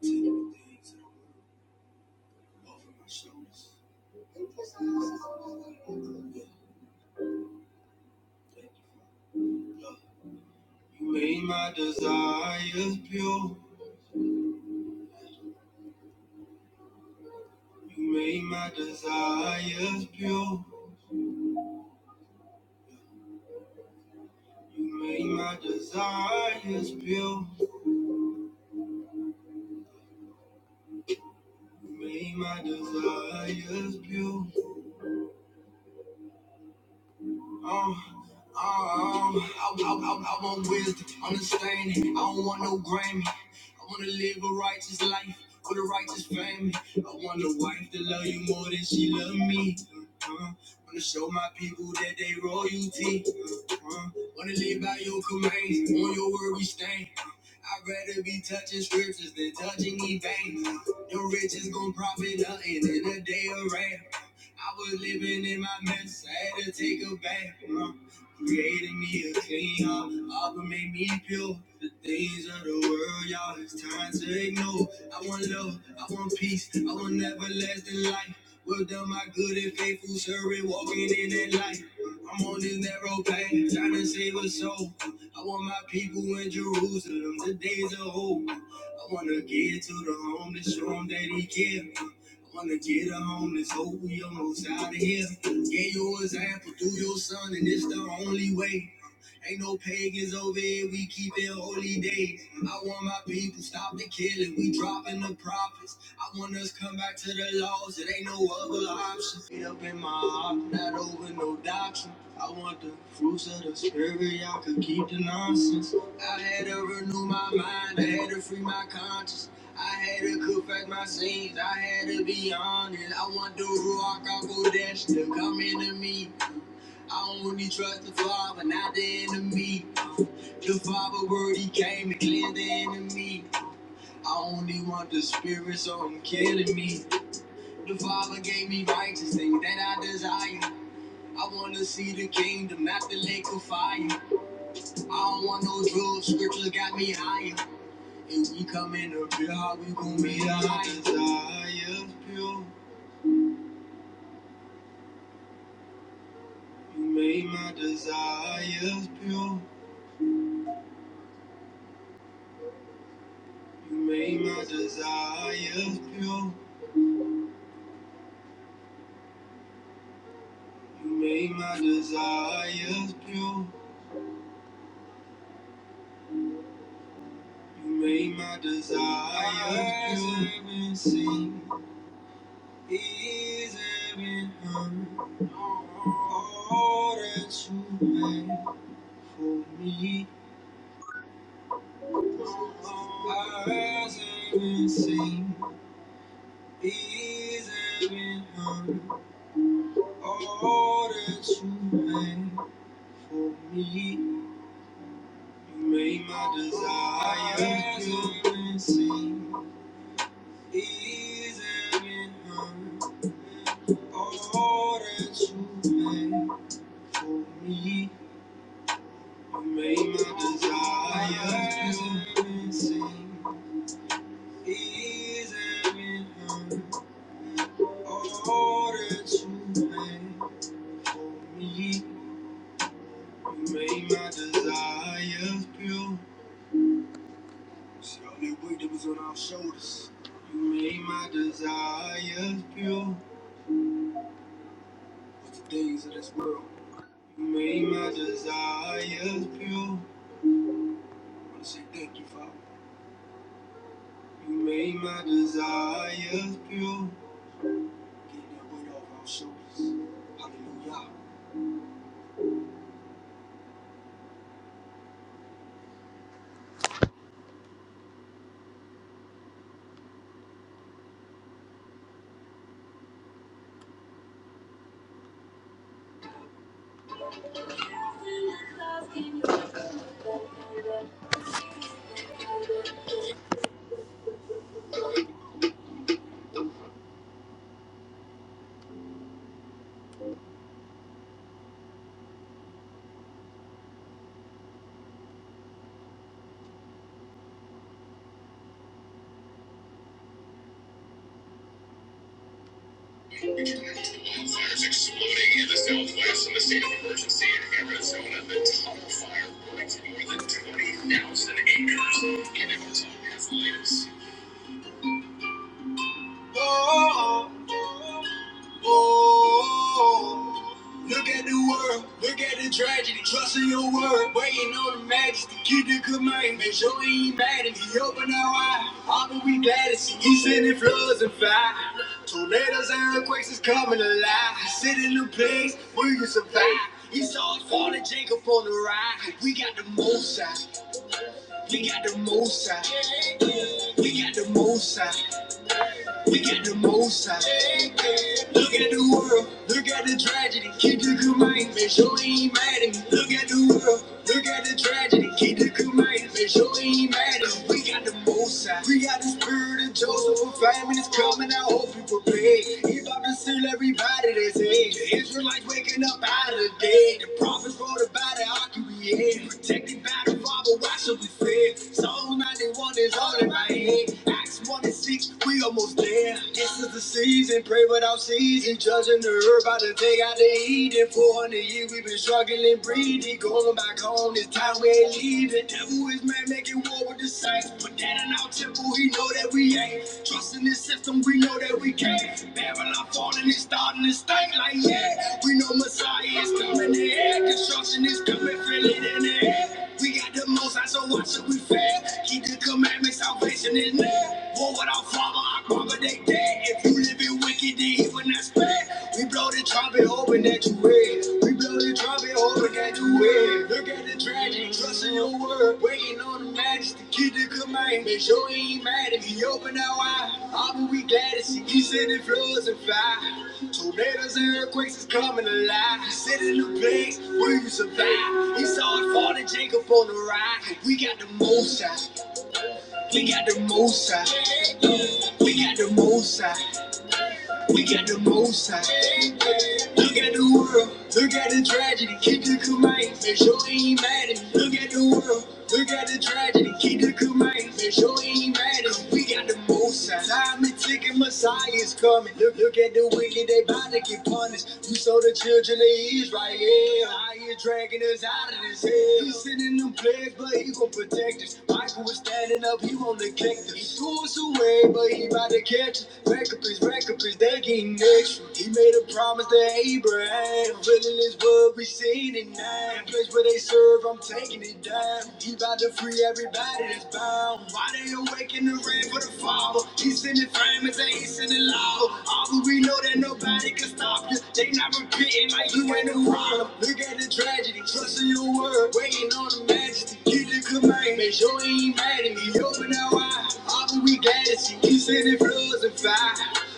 You made my desires pure. You made my desires pure. You made my desires pure. You made my desires pure. Um, um, I, I, I, I want wisdom, understanding. I don't want no Grammy. I want to live a righteous life with a righteous family. I want a wife to love you more than she love me. Uh, want to show my people that they royalty. Uh, want to live by your commands, on your word we stand. Uh, I'd rather be touching scriptures than touching these bangs. Your riches gon' profit nothing in a day of wrath. I was living in my mess. I had to take a bath. Mom created me a clean heart. Abba made me pure. The things of the world, y'all, it's time to ignore. I want love, I want peace, I want everlasting life. Well done, my good and faithful servant, walking in that light. I'm on this narrow path, trying to save a soul. I want my people in Jerusalem, the days of hope. I want to get to the home to show them that he cares. Wanna get her home this hope we almost out of here. Get yours, apple through your son, and it's the only way. Ain't no pagans over here, we keep it holy day. I want my people stop the killing, we dropping the prophets. I want us come back to the laws, it ain't no other option. Get up in my heart, not over no doctrine. I want the fruits of the spirit, y'all can keep the nonsense. I had to renew my mind, I had to free my conscience. I had to confess my sins, I had to be honest. I want the Ruach Hakodesh to come into me. I only trust the Father, not the enemy. The Father word, He came to clear the enemy. I only want the Spirit, so I'm killing me. The Father gave me righteous things that I desire. I want to see the kingdom, not the lake of fire. I don't want no drugs, scriptures got me higher. If we come in the pure, we gon' be the highest. Desires pure, you made my desires pure. You made my desires pure. You made my desires pure. You made my desires pure. I've Sin is every hurt. All that you made for me. Eyes haven't seen. Ears haven't heard. All that you made for me. You made my desires pure. Easy and all that you made for me. You made my desires insane. Easy and all that you made for me. You made my desires pure. It's the only weight that was on our shoulders. You made my desires pure. With the things of this world. You made my desires pure. I wanna say thank you, Father. You made my desires pure. Get that weight off our shoulders. Hallelujah. Oh, oh, oh. Look at the world, look at the tragedy. Trust in your word, waiting on the majesty. Keep the commandments, show he ain't mad at me. Open our eye, all but we glad to see. He sending floods and fire. Tornadoes and earthquakes is coming alive. Sit in the place where you survive. He saw it falling, Jacob on the ride. We got the most high, we got the most high. We got the most high. We get the most out. Look at the world, look at the tragedy. Keep the command, make sure he ain't mad at me. Look at the world, look at the tragedy. Keep the command, make sure he ain't mad at me. We got the most out. We got the spirit of Joseph. A famine is coming. I hope you prepared. He about to seal everybody that's here. The Israelites waking up out of the dead. The prophets wrote about it. I can create. Protected by the Father. Why should we fear? Psalm 91 is all in my head. Acts 1 26, we almost there. This is the season, pray without season. Judging the herb by the day out they eating. 400 years we've been struggling, breathing. Going back home, this time we ain't leaving. Devil is man making war with the saints. But that in our temple, he know that we ain't. Trusting this system, we know that we can't. Babylon falling and starting to stink like yeah. We know Messiah is coming in air. Construction is coming, feel it in the air. We got the most, high, so why should we fail? Keep the commandments out salvation is man. War without father, I cry, they dead. If you live in wicked, then even that's bad. We blow the trumpet, hoping that you hear. We blow the trumpet, hoping that you hear. Look at the tragedy, trust in your word. Waiting on the majesty, keep the command. Make sure he ain't mad if he open our eye. I will be glad to see he sending floods and fire. Tornadoes and earthquakes is coming alive. You sit in the place, will you survive? He saw it fall to Jacob on the ride. We got the most high. We got the most high. We got the most high. We got the most high. Look at the world. Look at the tragedy. Keep the command. For sure ain't mad at me. Look at the world. Look at the tragedy. Keep the command. For sure ain't mad at me. We got the most high. Time is ticking. Messiah is coming. Look, look at the wicked. They about to get punished. You saw the children of Israel. How you dragging us out of this hell? You sending them plagues legs, but he gon' protect us. Michael was standing up, he won't neglect us. He threw us away, but he about to catch us. Rack up his, rack up his, they getting extra. He made a promise to Abraham. Really is what we seen in nine. Place where they serve, I'm taking it down. He about to free everybody that's bound. Why they awake in the rain for the father? He's in the frame as they ain't sending law. All that we know know that nobody can stop you. They not repeating like you ain't a problem. Look at the tragedy, trusting your word, waiting on the majesty. Keep the command, make sure he ain't mad at me. Open our eyes, all that we got is he keeps sending floods and fire.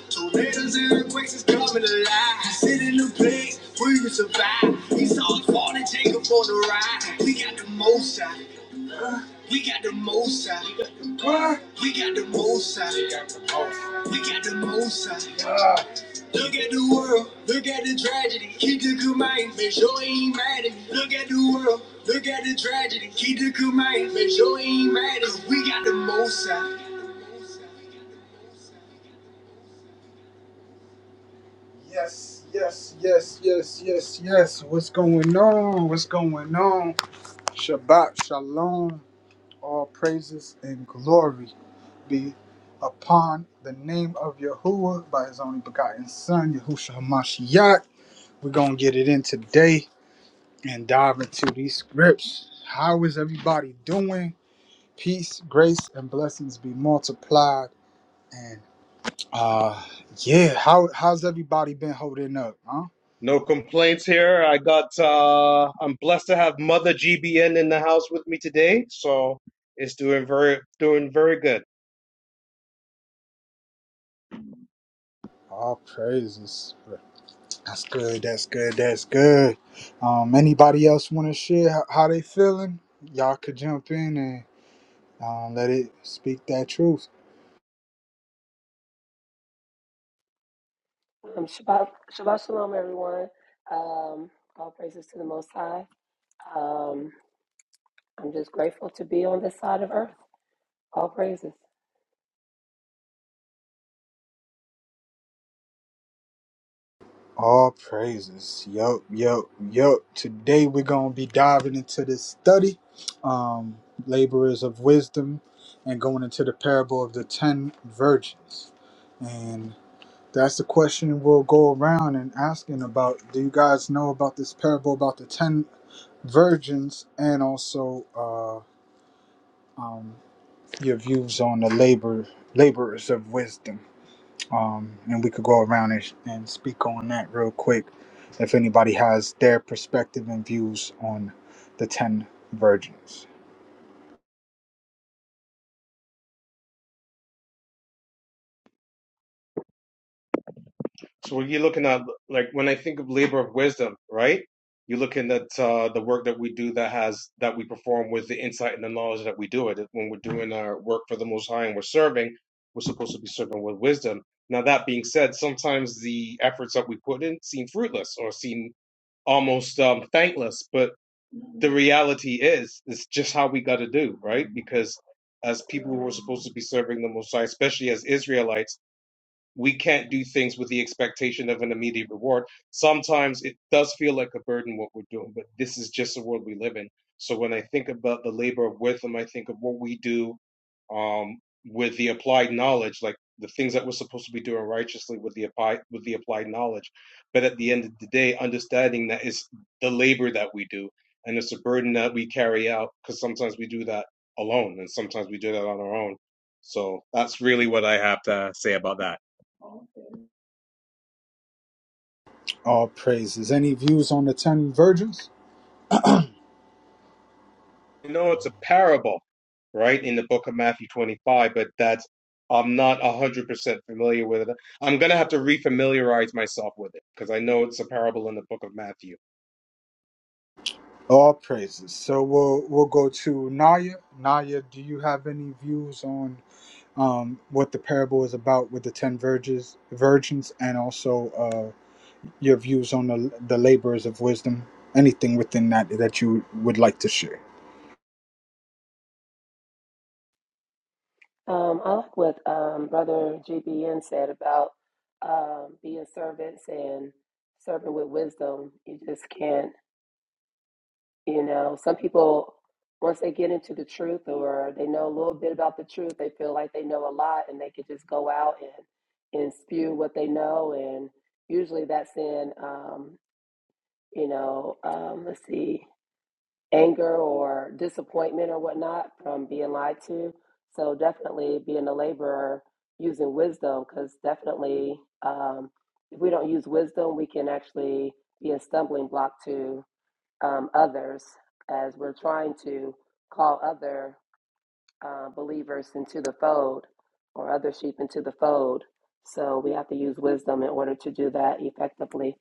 Tornadoes and earthquakes is coming alive. Sit in the place where you survive. He's all falling, Jacob for the ride. We got the most out. We got the most high. We got the most high. We got the most high. Look at the world, look at the tragedy. Keep the good mind, make sure he ain't mad at me. Look at the world, look at the tragedy. Keep the good mind, make sure he ain't mad at me. We got the most out. Yes, yes, yes, yes, yes, yes. What's going on? What's going on? Shabbat shalom. All praises and glory be upon the name of Yahuwah by his only begotten Son, Yahushua HaMashiach. We're going to get it in today and dive into these scripts. How is everybody doing? Peace, grace, and blessings be multiplied. And uh yeah, how how's everybody been holding up, huh? No complaints here. I got uh I'm blessed to have Mother GBN in the house with me today, so it's doing very doing very good. All praises. That's good, that's good, that's good. Um anybody else wanna share how, how they feeling? Y'all could jump in and um, let it speak that truth. Um, Shabbat, Shabbat Shalom, everyone. Um, all praises to the Most High. Um, I'm just grateful to be on this side of earth. All praises. All praises. Yup, yup, yup. Today we're going to be diving into this study, um, Laborers of Wisdom, and going into the parable of the 10 virgins. And that's the question we'll go around and asking about. Do you guys know about this parable about the 10 virgins and also uh, um, your views on the labor laborers of wisdom? um, and we could go around and, and speak on that real quick if anybody has their perspective and views on the 10 virgins So when you're looking at like when I think of labor of wisdom, right? You're looking at uh the work that we do that has that we perform with the insight and the knowledge that we do it. When we're doing our work for the most high and we're serving, we're supposed to be serving with wisdom. Now that being said, sometimes the efforts that we put in seem fruitless or seem almost um thankless, but the reality is, it's just how we got to do, right? Because as people who are supposed to be serving the Most High, especially as Israelites, we can't do things with the expectation of an immediate reward. Sometimes it does feel like a burden what we're doing, but this is just the world we live in. So when I think about the labor of wisdom, I think of what we do um, with the applied knowledge, like the things that we're supposed to be doing righteously with the applied with the applied knowledge. But at the end of the day, understanding that it's the labor that we do and it's a burden that we carry out because sometimes we do that alone and sometimes we do that on our own. So that's really what I have to say about that. all praises any views on the 10 virgins you know it's a parable, right, in the book of Matthew 25, but that's I'm not 100% familiar with it. I'm going to have to refamiliarize myself with it because I know it's a parable in the book of Matthew. all praises so we'll we'll go to naya naya do you have any views on um, what the parable is about with the 10 virgins virgins and also uh, your views on the, the labors of wisdom anything within that that you would like to share Um, I like what um, Brother GBN said about um, being servants and serving with wisdom. You just can't, you know, some people, once they get into the truth or they know a little bit about the truth, they feel like they know a lot and they could just go out and, and spew what they know and usually that's in um, you know, um, let's see, anger or disappointment or whatnot from being lied to. So definitely being a laborer, using wisdom, because definitely um, if we don't use wisdom, we can actually be a stumbling block to um, others as we're trying to call other uh, believers into the fold or other sheep into the fold. So we have to use wisdom in order to do that effectively.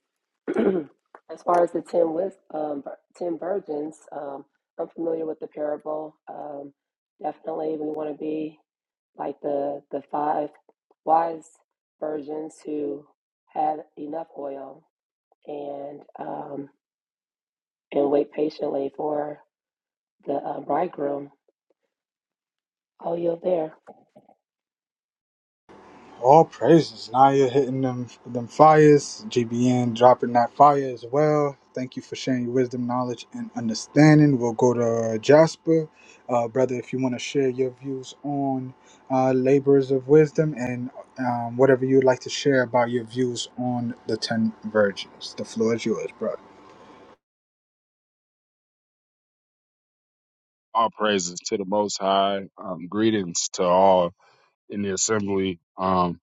as far as the ten wis- um, vir- ten virgins, um, I'm familiar with the parable. Um, definitely, we want to be like the the five wise virgins who had enough oil and um, and wait patiently for the uh, bridegroom. Oh, you're there. All praises. Naya hitting them them fires. GBN dropping that fire as well. Thank you for sharing your wisdom, knowledge, and understanding. We'll go to uh, Jasper. Uh, brother, if you want to share your views on uh, labors of wisdom and um, whatever you'd like to share about your views on the 10 virgins, the floor is yours, brother. All praises to the Most High. Um, greetings to all in the assembly. Um,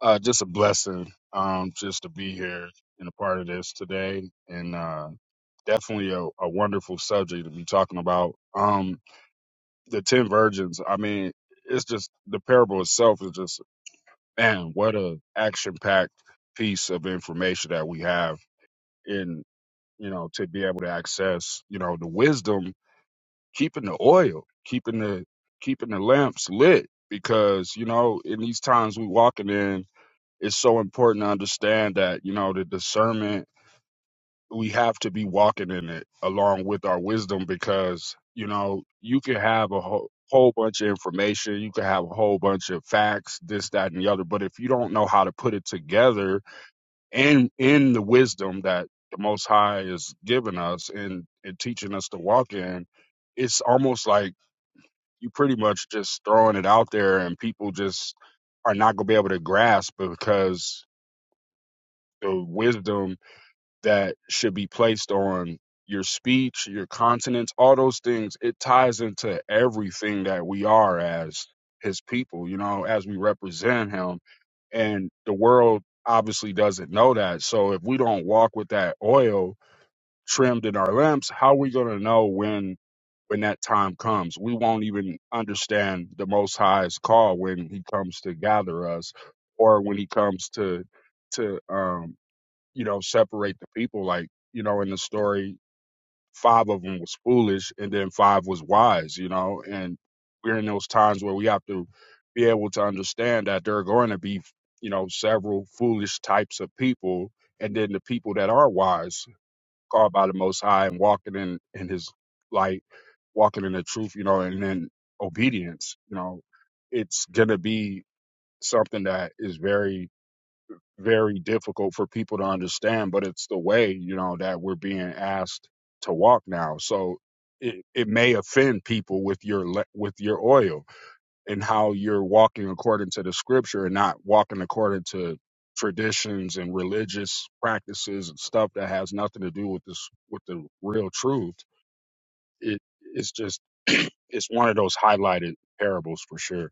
uh, just a blessing um, just to be here and a part of this today, and uh, definitely a, a wonderful subject to be talking about. Um, the ten virgins. I mean, it's just the parable itself is just man, what a action-packed piece of information that we have in you know to be able to access you know the wisdom keeping the oil, keeping the keeping the lamps lit because you know in these times we walking in, it's so important to understand that you know the discernment we have to be walking in it along with our wisdom because you know you can have a whole whole bunch of information you can have a whole bunch of facts this that and the other but if you don't know how to put it together in in the wisdom that the most high is giving us and, and teaching us to walk in it's almost like you pretty much just throwing it out there and people just are not going to be able to grasp because the wisdom that should be placed on your speech, your continence, all those things, it ties into everything that we are as his people, you know, as we represent him. And the world obviously doesn't know that. So if we don't walk with that oil trimmed in our lamps, how are we going to know when when that time comes. We won't even understand the Most High's call when He comes to gather us, or when He comes to to um, you know separate the people. Like you know, in the story, five of them was foolish, and then five was wise. You know, and we're in those times where we have to be able to understand that there are going to be you know several foolish types of people, and then the people that are wise called by the Most High and walking in in His light, walking in the truth, you know, and then obedience, you know, it's gonna be something that is very very difficult for people to understand, but it's the way you know that we're being asked to walk now. So it it may offend people with your le- with your oil and how you're walking according to the scripture and not walking according to traditions and religious practices and stuff that has nothing to do with this with the real truth it it's just it's one of those highlighted parables for sure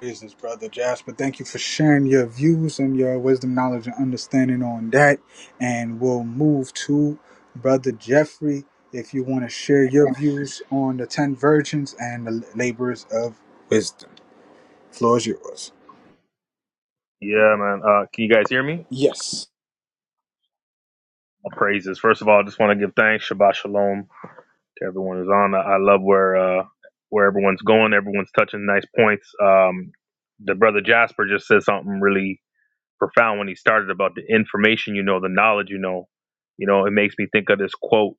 business, brother Jasper. Thank you for sharing your views and your wisdom, knowledge, and understanding on that. And we'll move to brother Jeffrey if you want to share your views on the ten virgins and the labors of wisdom. Floor is yours. Yeah, man. Uh, can you guys hear me? Yes. My praises. First of all, I just want to give thanks, Shabbat Shalom, to everyone who's on. I I love where uh, where everyone's going. Everyone's touching nice points. Um, the brother Jasper just said something really profound when he started about the information you know, the knowledge you know. You know, it makes me think of this quote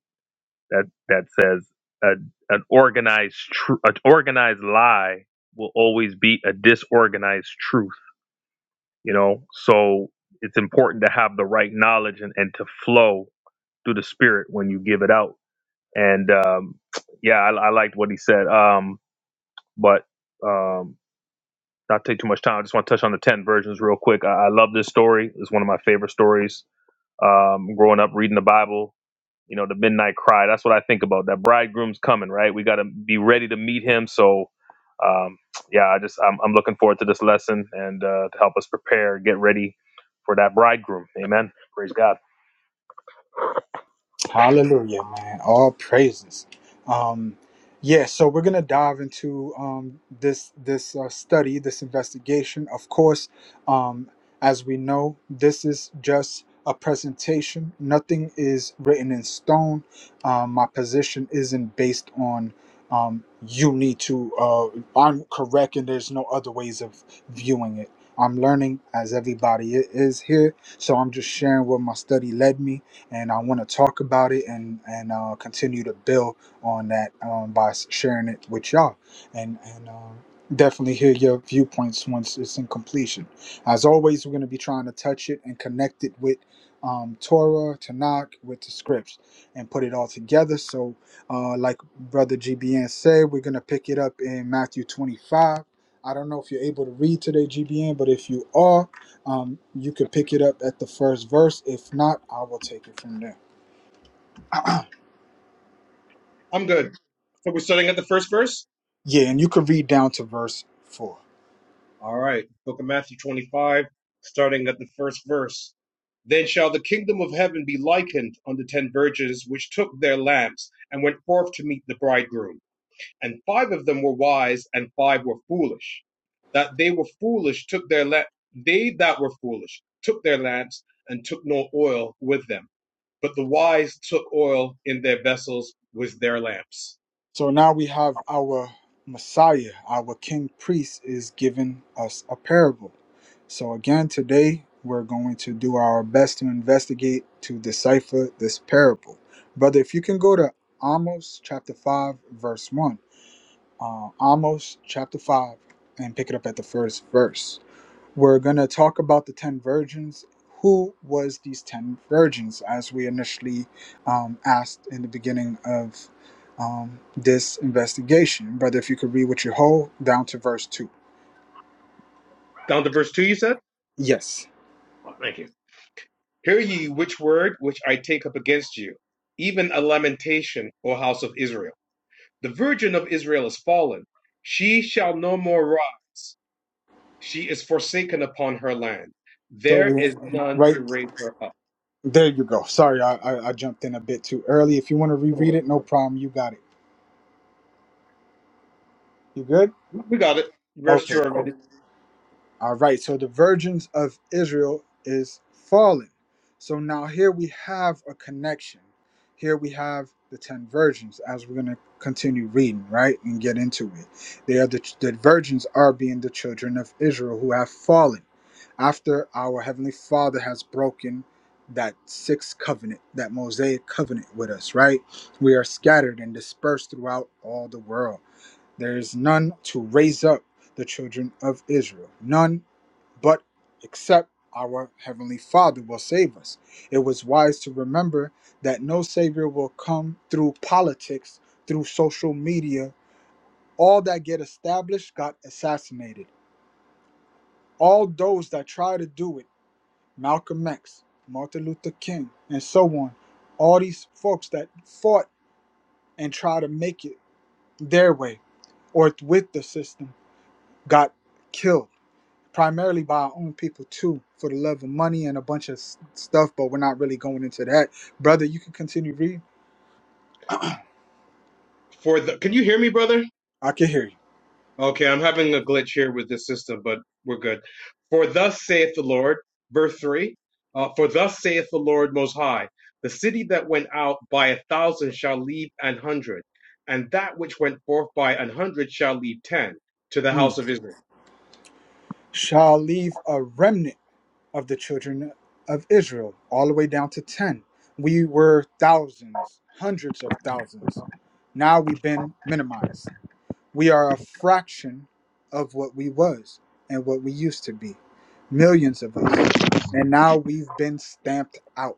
that that says, "A an organized tr- an organized lie will always beat a disorganized truth." you know so it's important to have the right knowledge and, and to flow through the spirit when you give it out and um yeah i, I liked what he said um but um not take too much time i just want to touch on the 10 versions real quick i, I love this story it's one of my favorite stories um growing up reading the bible you know the midnight cry that's what i think about that bridegroom's coming right we got to be ready to meet him so um, yeah i just I'm, I'm looking forward to this lesson and uh, to help us prepare get ready for that bridegroom amen praise god Hallelujah, man. All praises. Um, yeah, so we're gonna dive into um, this this uh, study, this investigation. Of course, um, as we know, this is just a presentation. Nothing is written in stone. Um, my position isn't based on um, you need to. Uh, I'm correct, and there's no other ways of viewing it. I'm learning as everybody i- is here, so I'm just sharing where my study led me and I want to talk about it and and uh, continue to build on that um, by s- sharing it with y'all, and and um, definitely hear your viewpoints once it's in completion. As always, we're going to be trying to touch it and connect it with um, Torah, Tanakh, with the scripts, and put it all together. So, uh, like Brother GBN said, we're going to pick it up in Matthew 25. I don't know if you're able to read today, GBN, but if you are, um, you could pick it up at the first verse. If not, I will take it from there. I'm good. So we're starting at the first verse? yeah, and you could read down to verse 4. All right. Book of Matthew 25, starting at the first verse. Then shall the kingdom of heaven be likened unto ten virgins which took their lamps and went forth to meet the bridegroom. and five of them were wise and five were foolish that they were foolish took their la- they that were foolish took their lamps and took no oil with them but the wise took oil in their vessels with their lamps So now we have our Messiah, our King Priest, is giving us a parable. So again, today we're going to do our best to investigate, to decipher this parable. Brother, if you can go to Amos chapter 5, verse 1. Uh, Amos chapter 5, and pick it up at the first verse. We're going to talk about the 10 virgins. Who was these 10 virgins as we initially um, asked in the beginning of um, this investigation? Brother, if you could read what you hold down to verse 2. down to verse 2 you said Yes. thank you hear ye which word which i take up against you even a lamentation o house of israel the virgin of israel is fallen she shall no more rise she is forsaken upon her land So there we is none right to raise her up there you go. Sorry, I, I, I jumped in a bit too early. If you want to No reread it, worries, no brother. problem. You got it. You good? We got it. Verse Okay, two cool. already. All right, so the virgins of Israel is fallen. So now here we have a connection. Here we have the 10 virgins as we're going to continue reading, right, and get into it. They are the, the virgins are being the children of Israel who have fallen after our Heavenly Father has broken that sixth covenant, that Mosaic covenant with us, right? We are scattered and dispersed throughout all the world. There is none to raise up the children of Israel. None but except our Heavenly Father will save us. It was wise to remember that no Savior will come through politics, through social media. All that get established got assassinated. All those that try to do it, Malcolm X, Martin Luther King, and so on, all these folks that fought and tried to make it their way or with the system got killed primarily by our own people too for the love of money and a bunch of s- stuff but we're not really going into that brother you can continue reading For the can you hear me, brother? i can hear you Okay, I'm having a glitch here with this system, but we're good. For thus saith the Lord, verse three. Uh, for thus saith the Lord Most High, the city that went out by a thousand shall leave an hundred, and that which went forth by an hundred shall leave ten to the Mm. house of Israel. shall leave a remnant of the children of israel all the way down to 10 we were thousands hundreds of thousands now we've been minimized we are a fraction of what we was and what we used to be millions of us and now we've been stamped out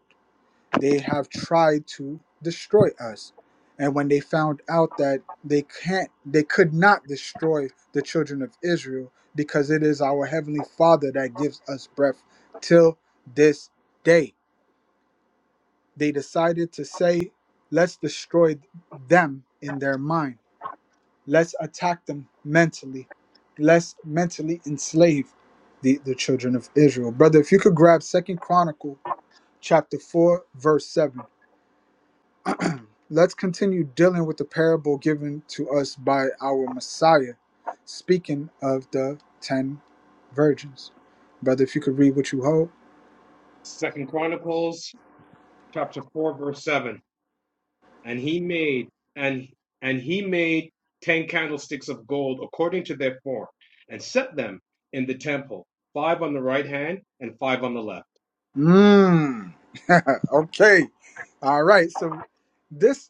they have tried to destroy us. And when they found out that they can't they could not destroy the children of Israel because it is our heavenly Father that gives us breath till this day. They decided to say, let's destroy them in their mind. Let's attack them mentally. Let's mentally enslave the, the children of Israel. Brother, if you could grab Second Chronicle chapter 4, verse 7. Let's continue dealing with the parable given to us by our Messiah, speaking of the ten virgins. Brother, if you could read what you hold. Second Chronicles chapter four verse seven. and he made and and he made ten candlesticks of gold according to their form and set them in the temple five on the right hand and five on the left Mmm. okay. All right. So this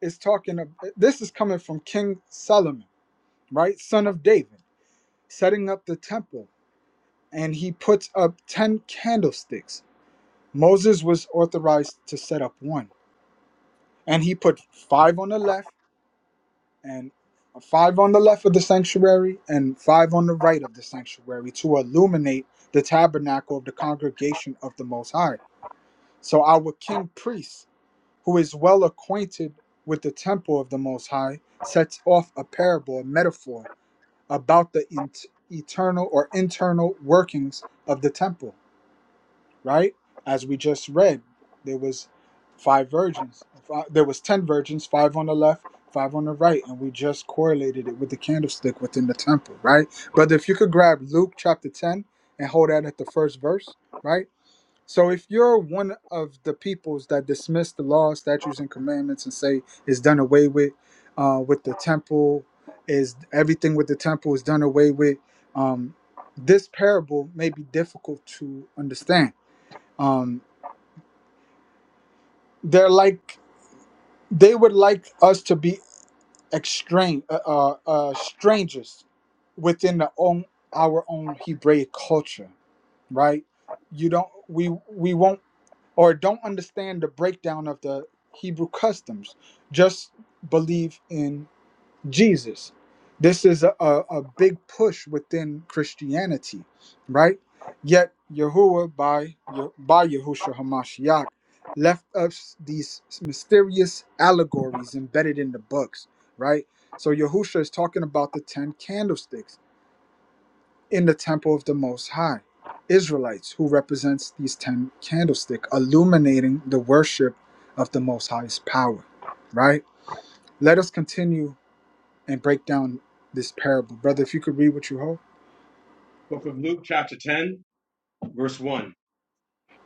is talking of this is coming from King Solomon, right? Son of David, setting up the temple, and he puts up ten candlesticks. Moses was authorized to set up one. And he put five on the left and five on the left of the sanctuary and five on the right of the sanctuary to illuminate the tabernacle of the congregation of the Most High. So our king priest, who is well acquainted with the temple of the Most High, sets off a parable, a metaphor about the in- eternal or internal workings of the temple right? As we just read, there was five virgins. Fi- There was ten virgins, five on the left, five on the right, and we just correlated it with the candlestick within the temple, right? But if you could grab Luke chapter ten and hold that at the first verse, right? So if you're one of the peoples that dismiss the law, statutes, and commandments and say it's done away with, uh, with the temple, is everything with the temple is done away with. Um, this parable may be difficult to understand um they're like they would like us to be extrang uh, uh, uh strangers within the own our own hebraic culture right you don't we we won't or don't understand the breakdown of the hebrew customs just believe in Jesus. This is a, a, a big push within Christianity, right? Yet Yahuwah by Ye- by Yahushua Hamashiach left us these mysterious allegories embedded in the books, right? So Yahushua is talking about the ten candlesticks in the temple of the Most High, Israelites, who represents these ten candlestick, illuminating the worship of the Most High's power, right? Let us continue and break down this parable. Brother, if you could read what you hold. book of luke chapter 10 verse 1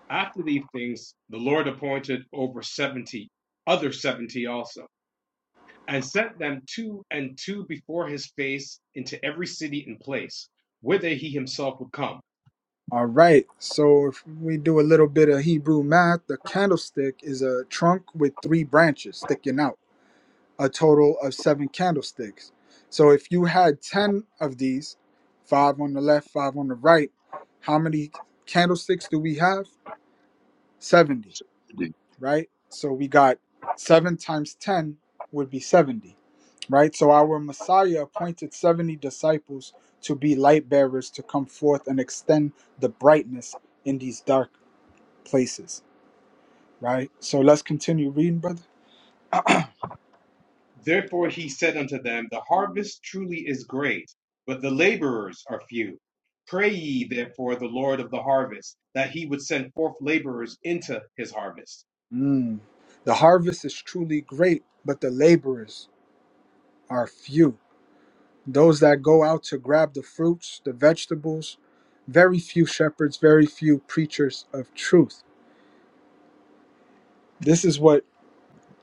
after these things the lord appointed over 70 other 70 also and sent them two and two before his face into every city and place whither he himself would come All right. So if we do a little bit of Hebrew math, the candlestick is a trunk with three branches sticking out, a total of seven candlesticks. So if you had 10 of these, five on the left, five on the right, how many candlesticks do we have? 70. So, right? So we got 7 times 10 would be 70, right? So our Messiah appointed 70 disciples to be light bearers to come forth and extend the brightness in these dark places, right? So let's continue reading, brother. Therefore he said unto them, The harvest truly is great, but the laborers are few. Pray ye therefore the Lord of the harvest that he would send forth laborers into his harvest. Mm. The harvest is truly great, but the laborers are few. Those that go out to grab the fruits, the vegetables, very few shepherds, very few preachers of truth. This is what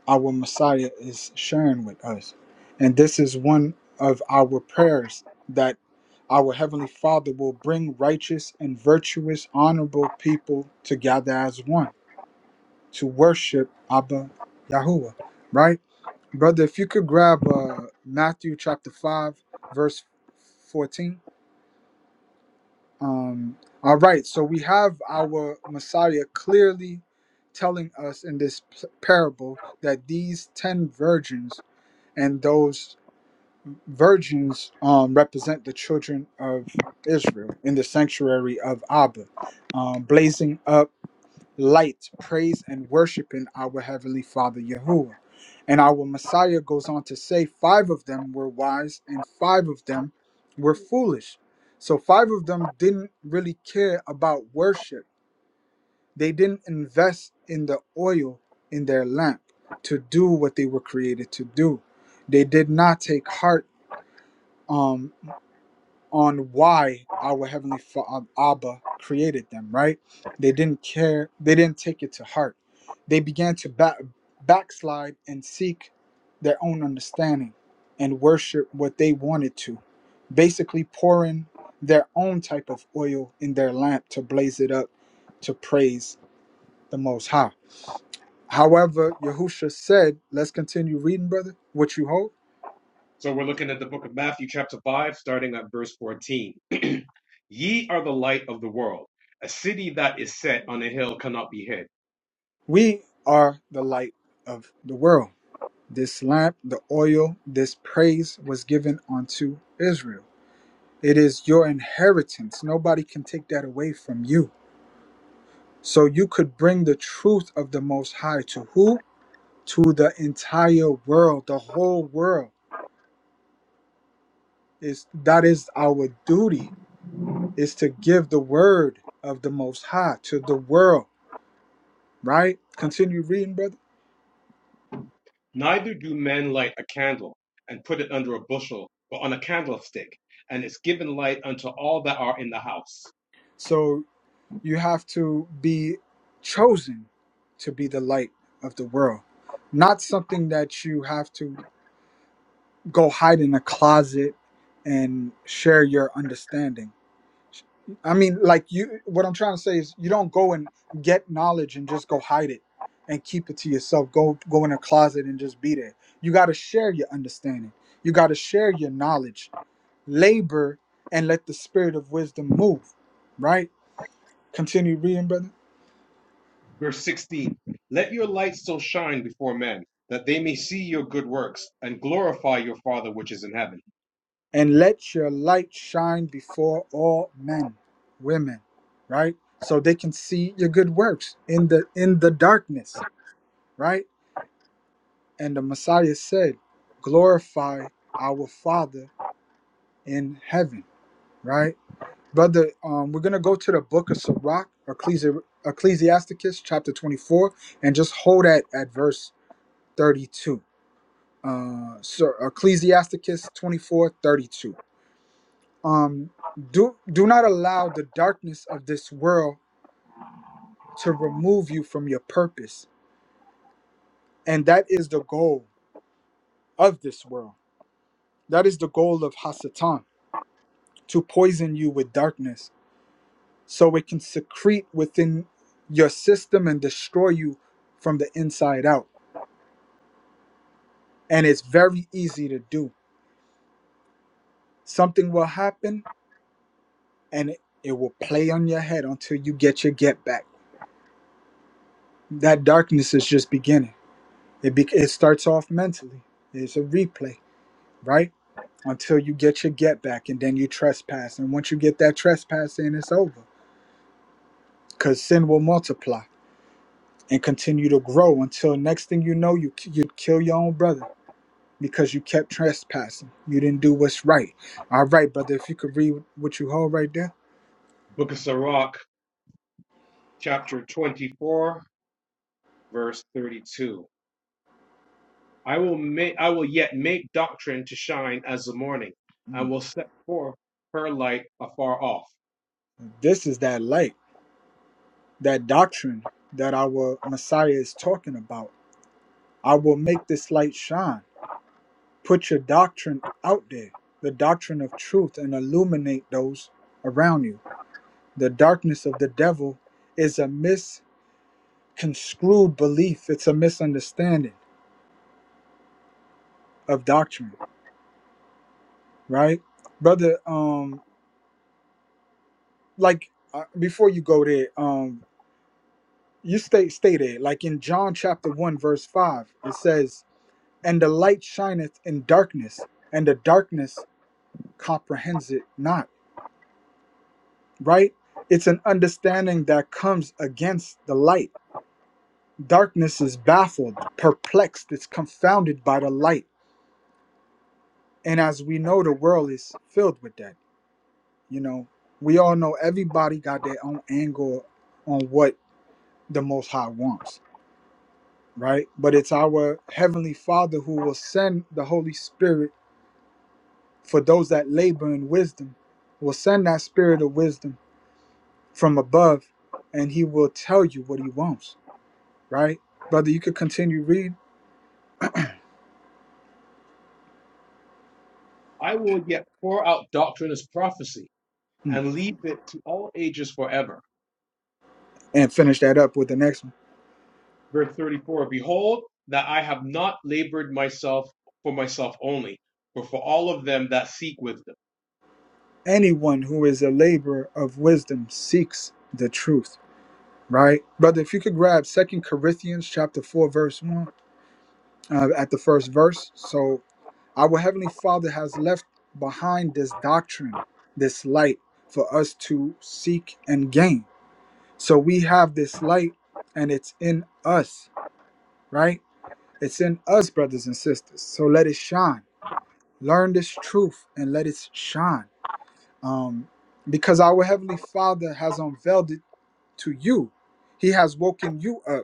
Our Messiah is sharing with us. And this is one of our prayers that our Heavenly Father will bring righteous and virtuous, honorable people together as one to worship Abba Yahuwah, right? Brother, if you could grab uh, Matthew chapter 5, verse 14. Um, all right, so we have our Messiah clearly telling us in this p- parable that these 10 virgins and those virgins um, represent the children of Israel in the sanctuary of Abba, um, blazing up light, praise, and worshiping our Heavenly Father Yahuwah. And our Messiah goes on to say, five of them were wise and five of them were foolish. So, five of them didn't really care about worship. They didn't invest in the oil in their lamp to do what they were created to do. They did not take heart um on why our heavenly Father Abba created them, right? They didn't care, they didn't take it to heart. They began to back, backslide and seek their own understanding and worship what they wanted to, basically pouring their own type of oil in their lamp to blaze it up to praise the Most High. However, Yahusha said, let's continue reading, brother, what you hold. So we're looking at the book of Matthew, chapter 5, starting at verse 14. Ye are the light of the world. A city that is set on a hill cannot be hid. We are the light of the world This lamp, the oil, this praise was given unto Israel. It is your inheritance. Nobody can take that away from you. So you could bring the truth of the Most High to who? To the entire world, the whole world. Is that is our duty? Is to give the word of the Most High to the world, right? Continue reading, brother. Neither do men light a candle and put it under a bushel, but on a candlestick, and it's given light unto all that are in the house. So You have to be chosen to be the light of the world, not something that you have to go hide in a closet and share your understanding. I mean, like you, what I'm trying to say is you don't go and get knowledge and just go hide it and keep it to yourself. Go, go in a closet and just be there. You got to share your understanding. You got to share your knowledge, labor, and let the spirit of wisdom move. Right? Continue reading, brother. Verse 16 Let your light so shine before men that they may see your good works and glorify your Father which is in heaven. and let your light shine before all men women right so they can see your good works in the in the darkness right and the messiah said glorify our father in heaven right brother um, we're gonna go to the book of sirach Ecclesi- ecclesiasticus chapter 24 and just hold at at verse 32 uh so ecclesiasticus 24 32. um do do not allow the darkness of this world to remove you from your purpose and that is the goal of this world that is the goal of hasatan to poison you with darkness so it can secrete within your system and destroy you from the inside out and it's very easy to do something will happen and it, it will play on your head until you get your get back that darkness is just beginning it, be, it starts off mentally it's a replay right? Until you get your get back and then you trespass. And once you get that trespass in, it's over. Because sin will multiply and continue to grow until next thing you know, you, you'd kill your own brother because you kept trespassing. You didn't do what's right. All right, brother, if you could read what you hold right there. Book of Sirach, chapter 24, verse 32. I will make I will yet make doctrine to shine as the morning, and Mm. will set forth her light afar off. This is that light, that doctrine that our Messiah is talking about. I will make this light shine. Put your doctrine out there, the doctrine of truth, and illuminate those around you The darkness of the devil is a misconstrued belief. It's a misunderstanding of doctrine, right, brother? Um, like uh, before you go there, um, you state stated like in John chapter one verse five, it says, "And the light shineth in darkness, and the darkness comprehends it not." Right? It's an understanding that comes against the light. Darkness is baffled, perplexed. It's confounded by the light And as we know, the world is filled with that. You know, we all know everybody got their own angle on what the Most High wants, right? But it's our Heavenly Father who will send the Holy Spirit for those that labor in wisdom, will send that spirit of wisdom from above, and He will tell you what He wants, right? Brother, you could continue read I will yet pour out doctrine as prophecy, Mm. and leave it to all ages forever. and finish that up with the next one. verse 34 Behold, that I have not labored myself for myself only, but for all of them that seek wisdom. Anyone who is a laborer of wisdom seeks the truth right brother if you could grab second corinthians chapter 4 verse 1 uh, at the first verse so our heavenly father has left behind this doctrine this light for us to seek and gain so we have this light and it's in us right it's in us brothers and sisters so let it shine learn this truth and let it shine um, because our heavenly father has unveiled it to you he has woken you up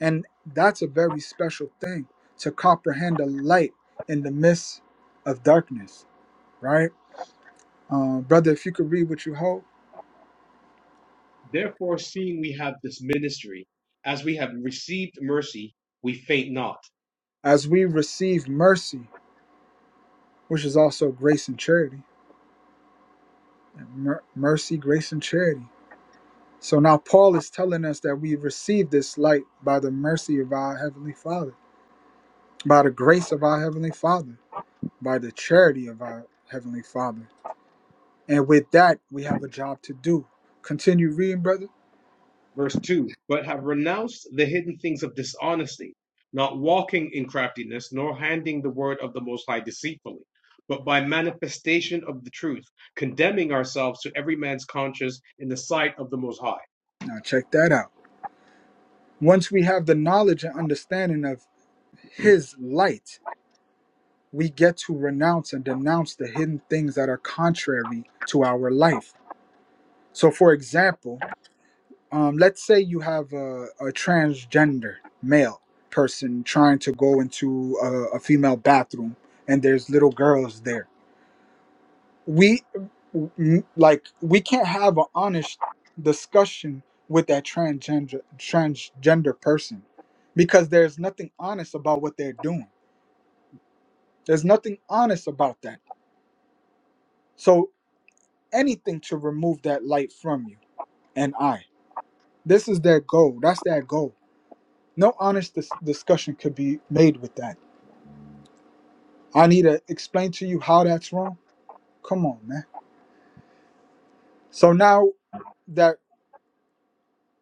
And that's a very special thing to comprehend a light in the midst of darkness, right? Uh, brother, if you could read what you hold, Therefore, seeing we have this ministry, as we have received mercy, we faint not. as we receive mercy, which is also grace and charity, mer- mercy, grace, and charity. So now Paul is telling us that we receive this light by the mercy of our Heavenly Father, by the grace of our Heavenly Father, by the charity of our Heavenly Father. And with that, we have a job to do. Continue reading, brother. Verse 2 But have renounced the hidden things of dishonesty, not walking in craftiness, nor handing the word of the Most High deceitfully, but by manifestation of the truth, condemning ourselves to every man's conscience in the sight of the Most High. Now check that out. Once we have the knowledge and understanding of His light, we get to renounce and denounce the hidden things that are contrary to our life. So, for example, um, let's say you have a, a transgender male person trying to go into a, a female bathroom and there's little girls there. We n- like we can't have an honest discussion with that transgender transgender person because there's nothing honest about what they're doing There's nothing honest about that. So anything to remove that light from you and I. This is their goal. That's their goal. No honest dis- discussion could be made with that. I need to explain to you how that's wrong. Come on, man. So now that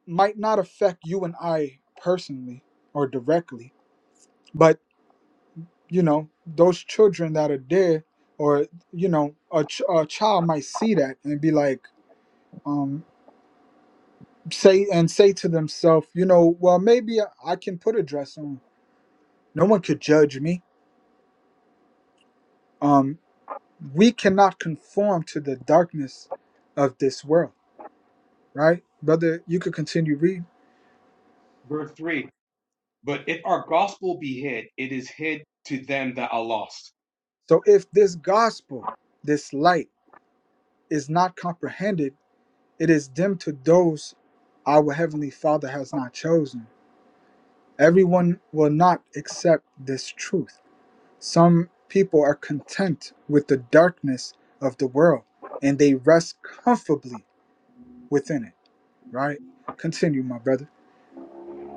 might not affect you and I personally or directly, but you know, those children that are there, or you know, a, ch- a child might see that and be like, um, say and say to themselves, you know, well, maybe I can put a dress on. No one could judge me. Um, we cannot conform to the darkness of this world, right, brother? You could continue reading. Verse 3 But if our gospel be hid, it is hid to them that are lost, So, if this gospel, this light, is not comprehended, it is dimmed to those our heavenly Father has not chosen. Everyone will not accept this truth Some people are content with the darkness of the world and they rest comfortably within it, right? Continue, my brother.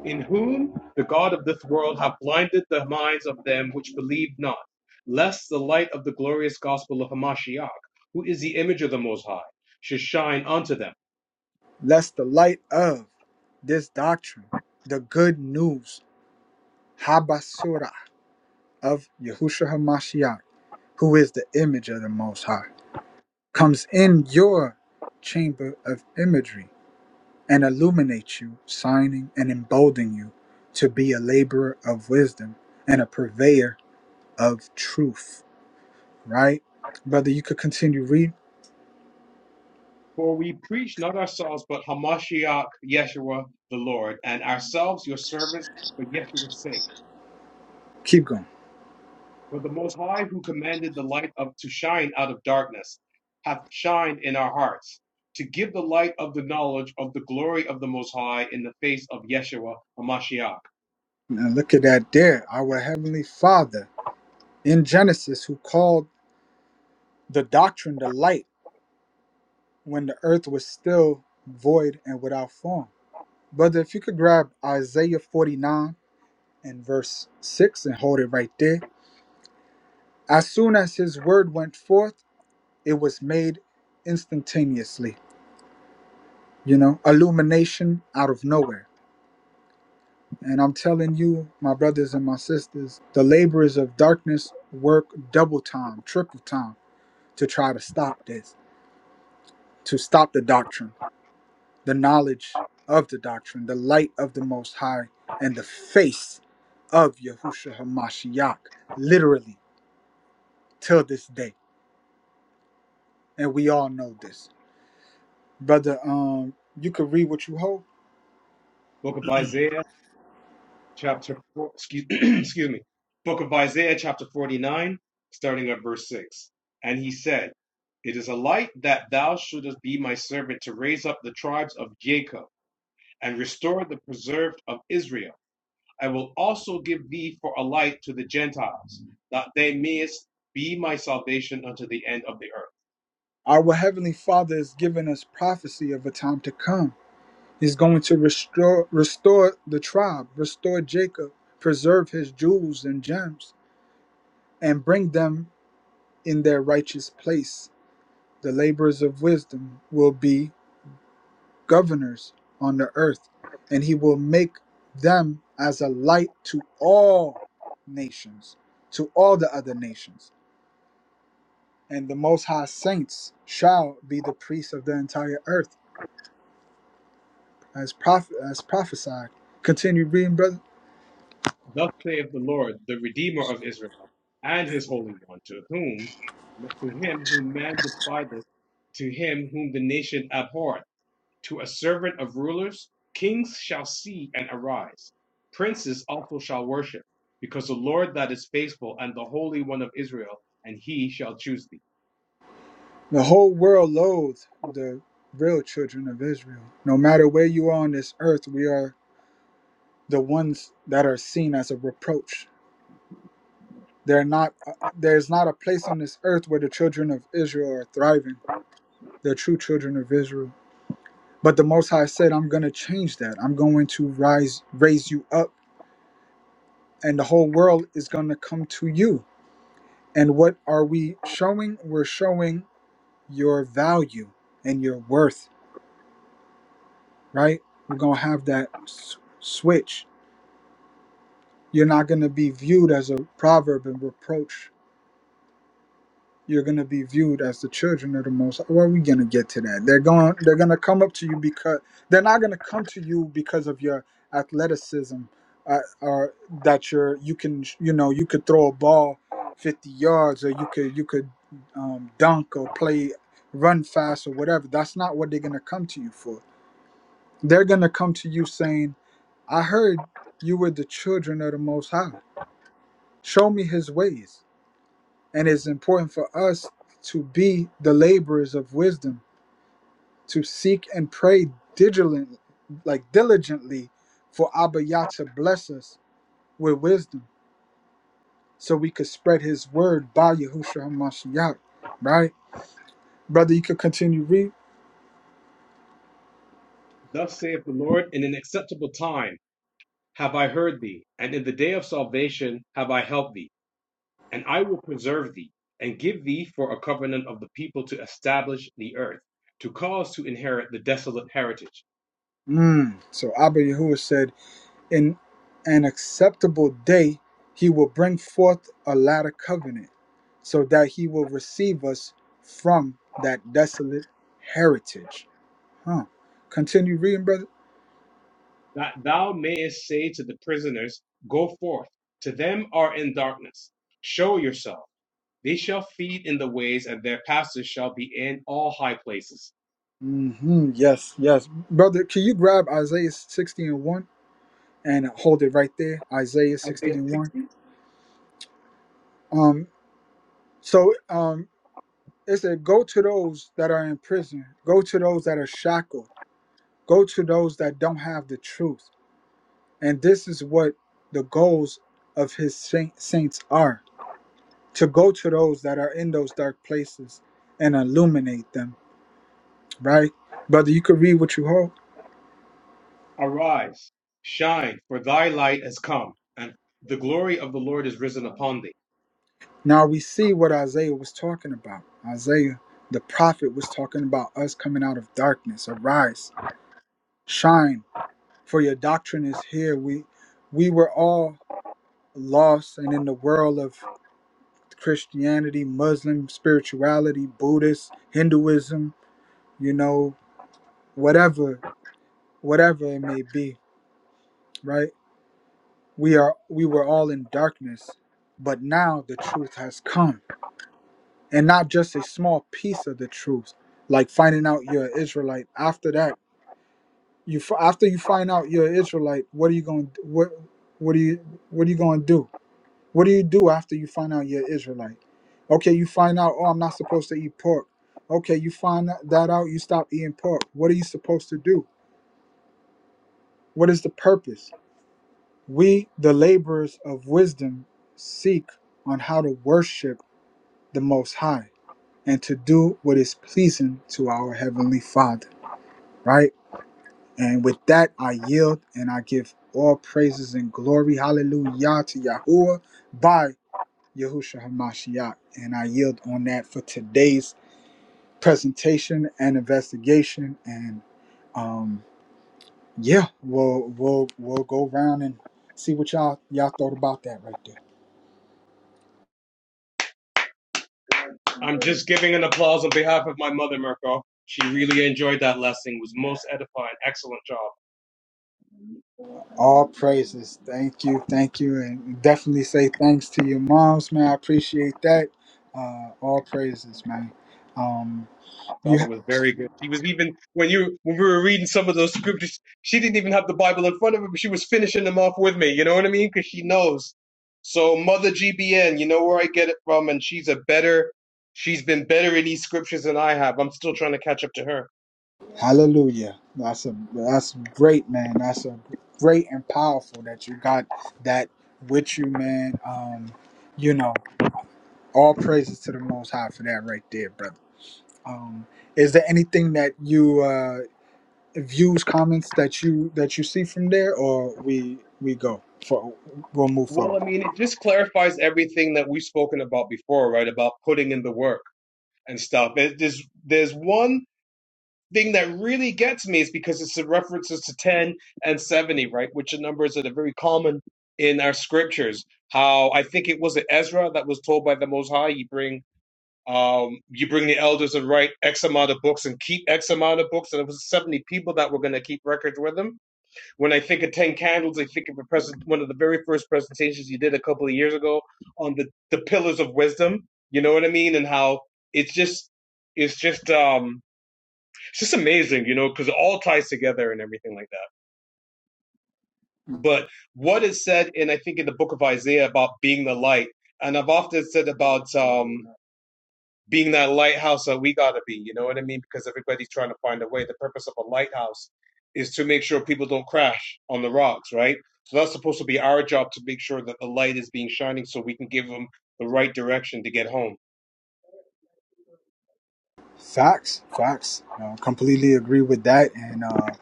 in whom the God of this world hath blinded the minds of them which believe not, lest the light of the glorious gospel of Hamashiach, who is the image of the Most High, should shine unto them. Lest the light of this doctrine, the good news, Habasura of Yahushua HaMashiach, who is the image of the Most High, comes in your chamber of imagery and illuminates you, signing and emboldening you to be a laborer of wisdom and a purveyor of truth, right? Brother, you could continue read. For we preach not ourselves, but Hamashiach, Yeshua the Lord, and ourselves your servants for Yeshua's sake Keep going. For the Most High, who commanded the light of to shine out of darkness, hath shined in our hearts to give the light of the knowledge of the glory of the Most High in the face of Yeshua Hamashiach. Now look at that there. Our Heavenly Father in Genesis, who called the doctrine the light when the earth was still void and without form. Brother, if you could grab Isaiah 49 and verse 6 and hold it right there. As soon as his word went forth, it was made instantaneously, you know, illumination out of nowhere And I'm telling you, my brothers and my sisters, the laborers of darkness work double time, triple time to try to stop this, to stop the doctrine, the knowledge of the doctrine, the light of the Most High, and the face of Yahushua HaMashiach, literally, till this day. And we all know this. Brother, um, you could read what you hold. Book of Isaiah, chapter four, excuse, excuse me. Book of Isaiah, chapter forty-nine, starting at verse six. And he said, "It is a light that thou shouldest be my servant to raise up the tribes of Jacob and restore the preserved of Israel." I will also give thee for a light to the Gentiles, that they mayest be my salvation unto the end of the earth. Our Heavenly Father has given us prophecy of a time to come He's going to restore restore the tribe, restore Jacob, preserve his jewels and gems, and bring them in their righteous place. The laborers of wisdom will be governors on the earth, and he will make them as a light to all nations, to all the other nations. And the most high saints shall be the priests of the entire earth, as prophet as prophesied. Continue reading, brother. Thus saith the Lord, the Redeemer of Israel, and his Holy One, to whom, to him whom man despiseth, to him whom the nation abhorreth, to a servant of rulers, kings shall see and arise, princes also shall worship, because the Lord that is faithful and the Holy One of Israel, and he shall choose thee. The whole world loathes the real children of Israel. No matter where you are on this earth, we are the ones that are seen as a reproach. They're not, there's not a place on this earth where the children of Israel are thriving, the true children of Israel. But the Most High said, I'm going to change that. I'm going to rise, raise you up, and the whole world is going to come to you. And what are we showing? We're showing your value and your worth right? We're going to have that s- switch. You're not going to be viewed as a proverb and reproach. You're going to be viewed as the children of the most. Well, we're going to get to that. They're going they're going to come up to you because they're not going to come to you because of your athleticism uh, or that you're you can you know you could throw a ball 50 yards or you could you could um, dunk or play run fast or whatever. That's not what they're going to come to you for. They're going to come to you saying I heard you were the children of the Most High. Show me his ways. And it's important for us to be the laborers of wisdom, to seek and pray diligently, like diligently for Abba Yah to bless us with wisdom so we could spread his word by Yahushua HaMashiach. Right? Brother, you could continue read. Thus saith the Lord, in an acceptable time. have I heard thee, and in the day of salvation have I helped thee, and I will preserve thee, and give thee for a covenant of the people to establish the earth, to cause to inherit the desolate heritage, Mm. So Abba Yahuwah said, in an acceptable day he will bring forth a latter covenant so that he will receive us from that desolate heritage huh continue reading brother that thou mayest say to the prisoners, Go forth, to them are in darkness, show yourself. They shall feed in the ways, and their pastors shall be in all high places. hmm yes yes brother can you grab isaiah 60 and 1 and hold it right there isaiah 60 Isaiah and 1 60. um so um it said go to those that are in prison go to those that are shackled go to those that don't have the truth And this is what the goals of his saint, saints are to go to those that are in those dark places and illuminate them, right? Brother, you could read what you hold. Arise, shine, for thy light has come, and the glory of the Lord is risen upon thee. Now we see what Isaiah was talking about. Isaiah, the prophet, was talking about us coming out of darkness. Arise, shine, for your doctrine is here. We we were all lost and in the world of Christianity, Muslim spirituality, Buddhist, Hinduism, you know, whatever whatever it may be, right? We are we were all in darkness, but now the truth has come. And not just a small piece of the truth, like finding out you're an Israelite. After that, you f- after you find out you're an Israelite, what are you going to what what are you what are you going to do? What do you do after you find out you're an Israelite? Okay, you find out, oh, I'm not supposed to eat pork. Okay, you find that that out, you stop eating pork. What are you supposed to do? What is the purpose? We, the laborers of wisdom, seek on how to worship the Most High and to do what is pleasing to our Heavenly Father, right? And with that, I yield and I give all praises and glory, hallelujah, to Yahuwah by Yahushua HaMashiach. And I yield on that for today's presentation and investigation. And um, yeah, we'll, we'll, we'll go around and see what y'all, y'all thought about that right there. I'm just giving an applause on behalf of my mother, Mirko. She really enjoyed that lesson. It was most edifying. Excellent job. All praises. Thank you. Thank you. And definitely say thanks to your moms, man. I appreciate that. Uh, all praises, man. Um, I thought you that was very good. She was even when you when we were reading some of those scriptures, she didn't even have the Bible in front of her, but she was finishing them off with me. You know what I mean? Because she knows. So Mother GBN, you know where I get it from, and she's a better. She's been better in these scriptures than I have. I'm still trying to catch up to her. hallelujah. That's a that's great, man. That's a great and powerful that you got that with you, man. Um, you know, all praises to the most high for that right there, brother. Um, is there anything that you uh views, comments that you that you see from there or we we go for we'll move forward? Well, I mean, it just clarifies everything that we've spoken about before, right? About putting in the work and stuff. It- There's there's one thing that really gets me is because it's the references to 10 and 70, right? Which are numbers that are very common in our scriptures. How I think it was Ezra that was told by the Most High, you bring um, you bring the elders and write X amount of books and keep X amount of books. And it was 70 people that were going to keep records with them. When I think of 10 candles, I think of a present, one of the very first presentations you did a couple of years ago on the, the pillars of wisdom. You know what I mean? And how it's just, it's just, um, it's just amazing, you know, because it all ties together and everything like that. But what is said in, I think, in the book of Isaiah about being the light, and I've often said about um, being that lighthouse that we got to be, you know what I mean? Because everybody's trying to find a way. The purpose of a lighthouse is to make sure people don't crash on the rocks, right? So that's supposed to be our job to make sure that the light is being shining so we can give them the right direction to get home. Facts, facts. Uh, completely agree with that, and uh,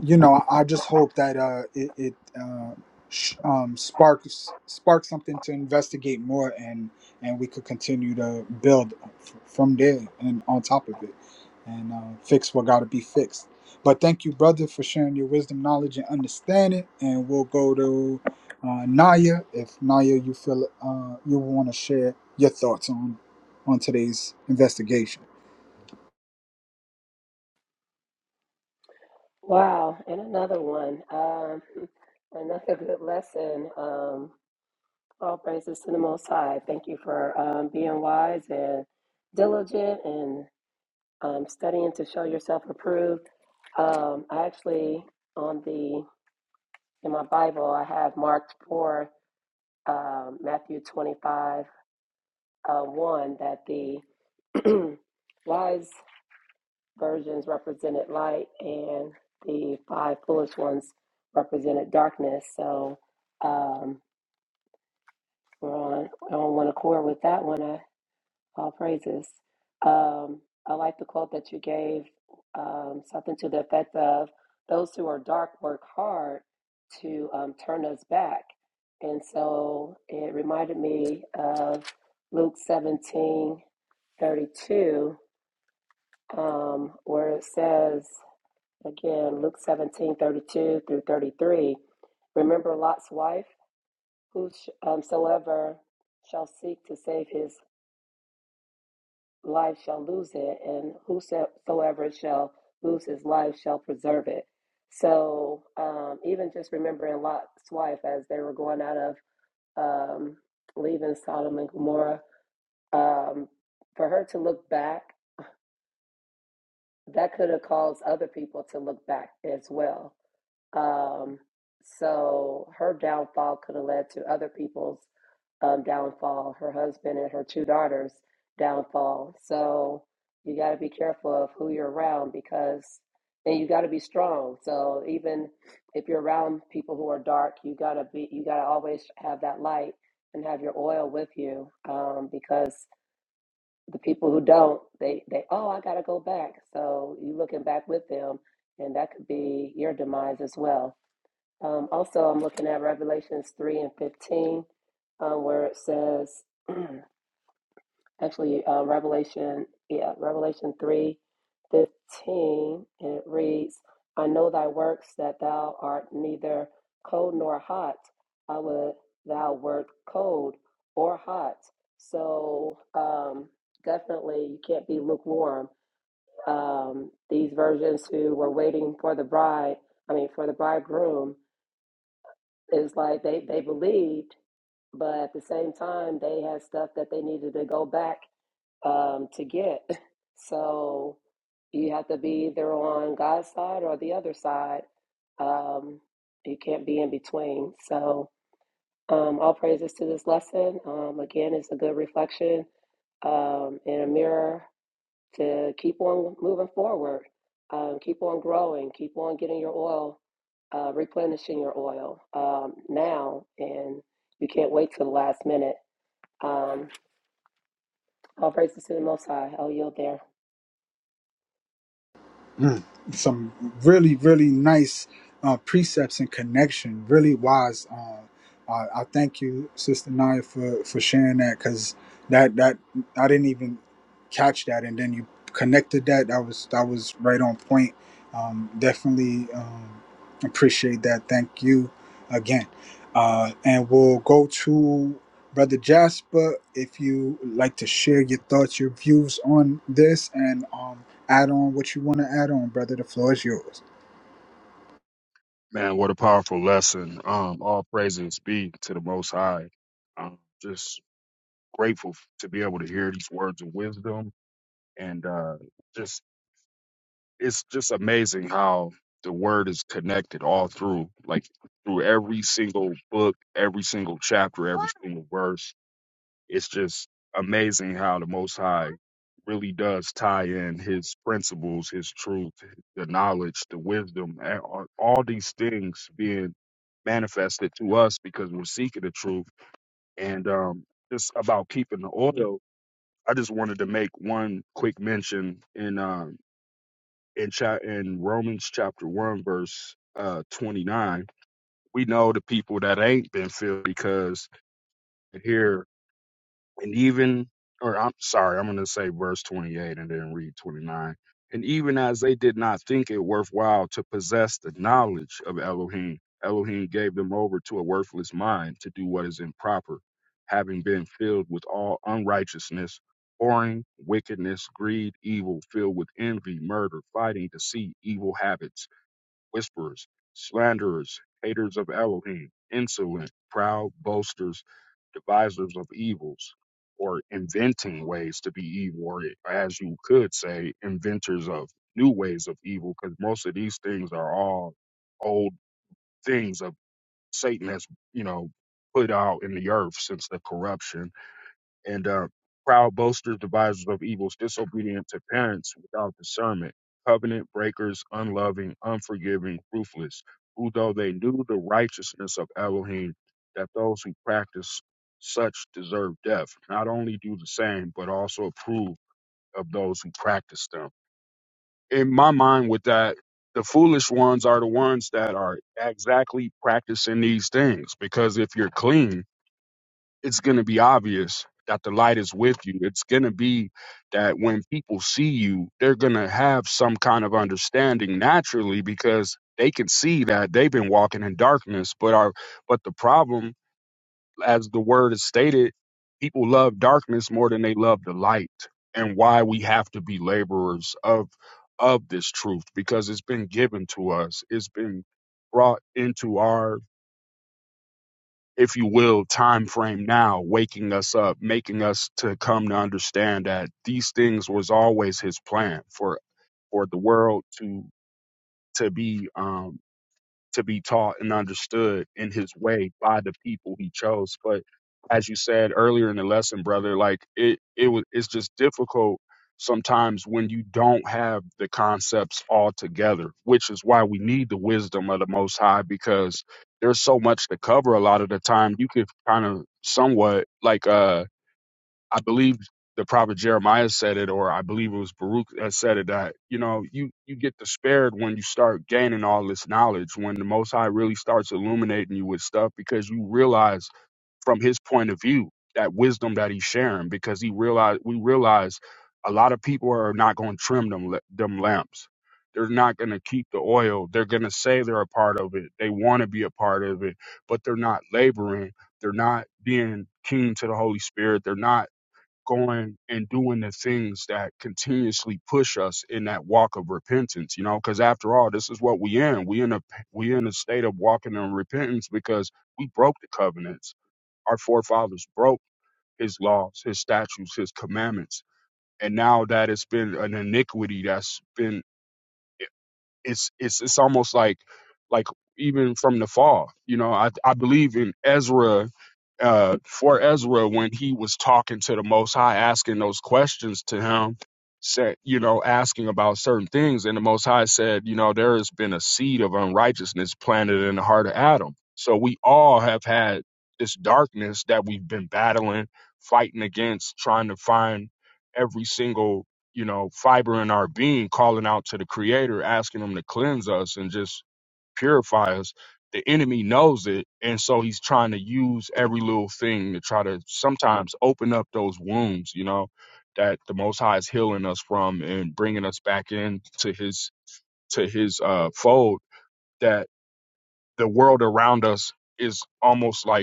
you know, I just hope that uh, it, it uh, sh- um, sparks sparks something to investigate more, and and we could continue to build f- from there and on top of it, and uh, fix what got to be fixed. But thank you, brother, for sharing your wisdom, knowledge, and understanding. And we'll go to uh, Naya if Naya, you feel uh, you want to share your thoughts on on today's investigation. Wow. And another one. Um, another good lesson. Um, all praises to the Most High. Thank you for um, being wise and diligent and um, studying to show yourself approved. Um, I actually, on the in my Bible, I have Mark 4. um, Matthew 25, uh, 1, that the wise virgins represented light and the five foolish ones represented darkness. So um, we're, on, we're on one accord with that one. I All praises. Um, I like the quote that you gave, um, something to the effect of those who are dark work hard to um, turn us back. And so it reminded me of Luke 17, 32, um, where it says, again, Luke 17 32 through 33, remember Lot's wife, whosoever shall seek to save his life shall lose it, and whosoever shall lose his life shall preserve it. So, um, even just remembering Lot's wife as they were going out of um, leaving Sodom and Gomorrah, um, for her to look back, that could have caused other people to look back as well. Um, so her downfall could have led to other people's um, downfall, her husband and her two daughters' downfall. So you got to be careful of who you're around because, and you got to be strong. So even if you're around people who are dark, you got to be, you got to always have that light and have your oil with you um, because the people who don't, they, they, oh, I got to go back. So you looking back with them and that could be your demise as well. Um, also, I'm looking at Revelations 3 and 15, um, where it says, actually, uh, Revelation, yeah, Revelation 3, 15. and it reads, I know thy works, that thou art neither cold nor hot. I would thou wert cold or hot. So, um, definitely, you can't be lukewarm. Um, these virgins who were waiting for the bride, I mean, for the bridegroom, it's like they, they believed, but at the same time, they had stuff that they needed to go back um, to get. So you have to be either on God's side or the other side. Um, you can't be in between. So um, all praises to this lesson. Um, again, it's a good reflection um, in a mirror to keep on moving forward, um, keep on growing, keep on getting your oil, uh, replenishing your oil um, now, and you can't wait till the last minute. Um, all praises to the Most High. I'll yield there. Mm. Some really, really nice uh, precepts and connection. Really wise. Uh, I, I thank you, Sister Naya, for for sharing that because that that I didn't even catch that, and then you connected that. That was that was right on point. Um, definitely um, appreciate that. Thank you again, uh, and we'll go to. Brother Jasper, if you like to share your thoughts, your views on this, and um, add on what you want to add on, brother. The floor is yours. man what a powerful lesson um all praises be to the most high i'm just grateful to be able to hear these words of wisdom and uh just it's just amazing how the word is connected all through, like through every single book, every single chapter, every single verse. It's just amazing how the Most High really does tie in his principles, his truth, the knowledge, the wisdom, and all all these things being manifested to us because we're seeking the truth. And um, just about keeping the oil, I just wanted to make one quick mention in. Um, in cha- in Romans chapter one verse uh, twenty nine, we know the people that ain't been filled because here and even or I'm sorry, I'm gonna say verse twenty eight and then read twenty nine. And even as they did not think it worthwhile to possess the knowledge of Elohim, Elohim gave them over to a worthless mind to do what is improper, having been filled with all unrighteousness whoring, wickedness, greed, evil, filled with envy, murder, fighting, deceit, evil habits whisperers, slanderers, haters of Elohim, insolent, proud, boasters, devisers of evils, or inventing ways to be evil, or as you could say, inventors of new ways of evil, because most of these things are all old things of Satan that's, you know, put out in the earth since the corruption and uh, proud boasters, devisers of evils, disobedient to parents, without discernment, covenant breakers, unloving, unforgiving, ruthless, who though they knew the righteousness of Elohim, that those who practice such deserve death, not only do the same, but also approve of those who practice them. In my mind, with that, the foolish ones are the ones that are exactly practicing these things, because if you're clean, it's going to be obvious that the light is with you. It's going to be that when people see you, they're going to have some kind of understanding naturally because they can see that they've been walking in darkness. But our but the problem, as the word is stated, people love darkness more than they love the light. And why we have to be laborers of of this truth because it's been given to us. It's been brought into our if you will, time frame now, waking us up, making us to come to understand that these things was always his plan for for the world to to be um to be taught and understood in his way by the people he chose. But as you said earlier in the lesson, brother, like it, it was, it's just difficult sometimes when you don't have the concepts all together, which is why we need the wisdom of the most high, because there's so much to cover a lot of the time. You could kind of somewhat like, uh, I believe the prophet Jeremiah said it, or I believe it was Baruch that said it. That you know, you you get despaired when you start gaining all this knowledge, when the Most High really starts illuminating you with stuff, because you realize from His point of view that wisdom that He's sharing, because He realize we realize a lot of people are not going to trim them la- them lamps. They're not going to keep the oil. They're going to say they're a part of it. They want to be a part of it, but they're not laboring they're not being keen to the Holy Spirit. They're not going and doing the things that continuously push us in that walk of repentance you know because after all this is what we in we in a we in a state of walking in repentance because we broke the covenants our forefathers broke his laws his statutes his commandments and now that it's been an iniquity that's been it's it's it's almost like like even from the fall you know i i believe in ezra uh for ezra when he was talking to the most high asking those questions to him said you know asking about certain things and the most high said you know there has been a seed of unrighteousness planted in the heart of adam so we all have had this darkness that we've been battling fighting against trying to find every single you know, fiber in our being, calling out to the creator, asking him to cleanse us and just purify us. The enemy knows it. And so he's trying to use every little thing to try to sometimes open up those wounds, you know, that the Most High is healing us from and bringing us back in to his to his uh, fold that the world around us is almost like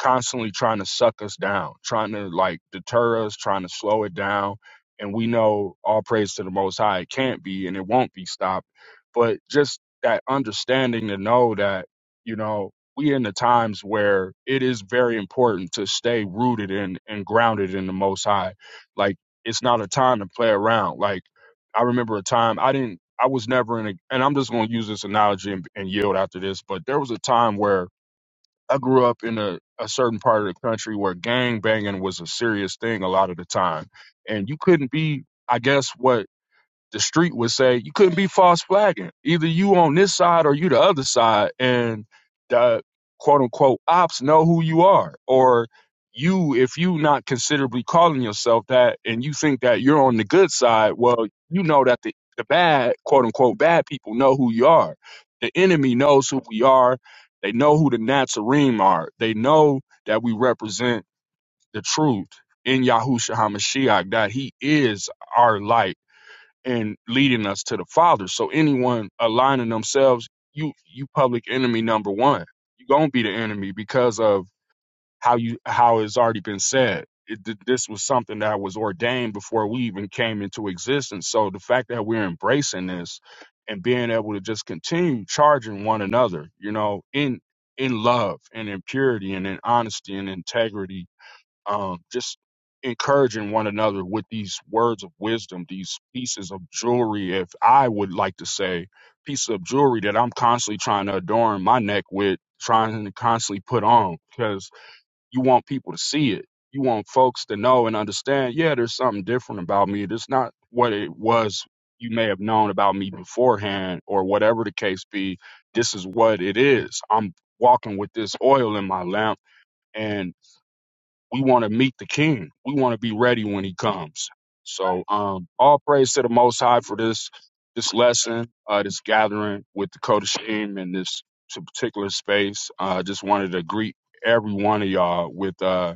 constantly trying to suck us down, trying to like deter us, trying to slow it down. And we know all praise to the Most High, it can't be and it won't be stopped. But just that understanding to know that, you know, we in the times where it is very important to stay rooted in and grounded in the Most High. Like it's not a time to play around. Like I remember a time I didn't, I was never in a, and I'm just going to use this analogy and, and yield after this, but there was a time where I grew up in a, a certain part of the country where gang banging was a serious thing a lot of the time. And you couldn't be, I guess, what the street would say you couldn't be false flagging. Either you on this side or you the other side, and the quote unquote ops know who you are. Or you, if you not considerably calling yourself that, and you think that you're on the good side, well, you know that the the bad quote unquote bad people know who you are. The enemy knows who we are. They know who the Nazarene are. They know that we represent the truth in Yahushua HaMashiach, that he is our light and leading us to the Father. So anyone aligning themselves, you you public enemy number one. You're gonna be the enemy because of how you how it's already been said. It, th- this was something that was ordained before we even came into existence. So the fact that we're embracing this and being able to just continue charging one another, you know, in in love and in purity and in honesty and integrity um, just encouraging one another with these words of wisdom, these pieces of jewelry, if I would like to say, pieces of jewelry that I'm constantly trying to adorn my neck with, trying to constantly put on, because you want people to see it. You want folks to know and understand, yeah, there's something different about me. It's not what it was you may have known about me beforehand or whatever the case be. This is what it is. I'm walking with this oil in my lamp and we want to meet the king. We want to be ready when he comes. So um all praise to the most high for this this lesson, uh this gathering with the Kodashim in this particular space. Uh I uh, just wanted to greet every one of y'all with uh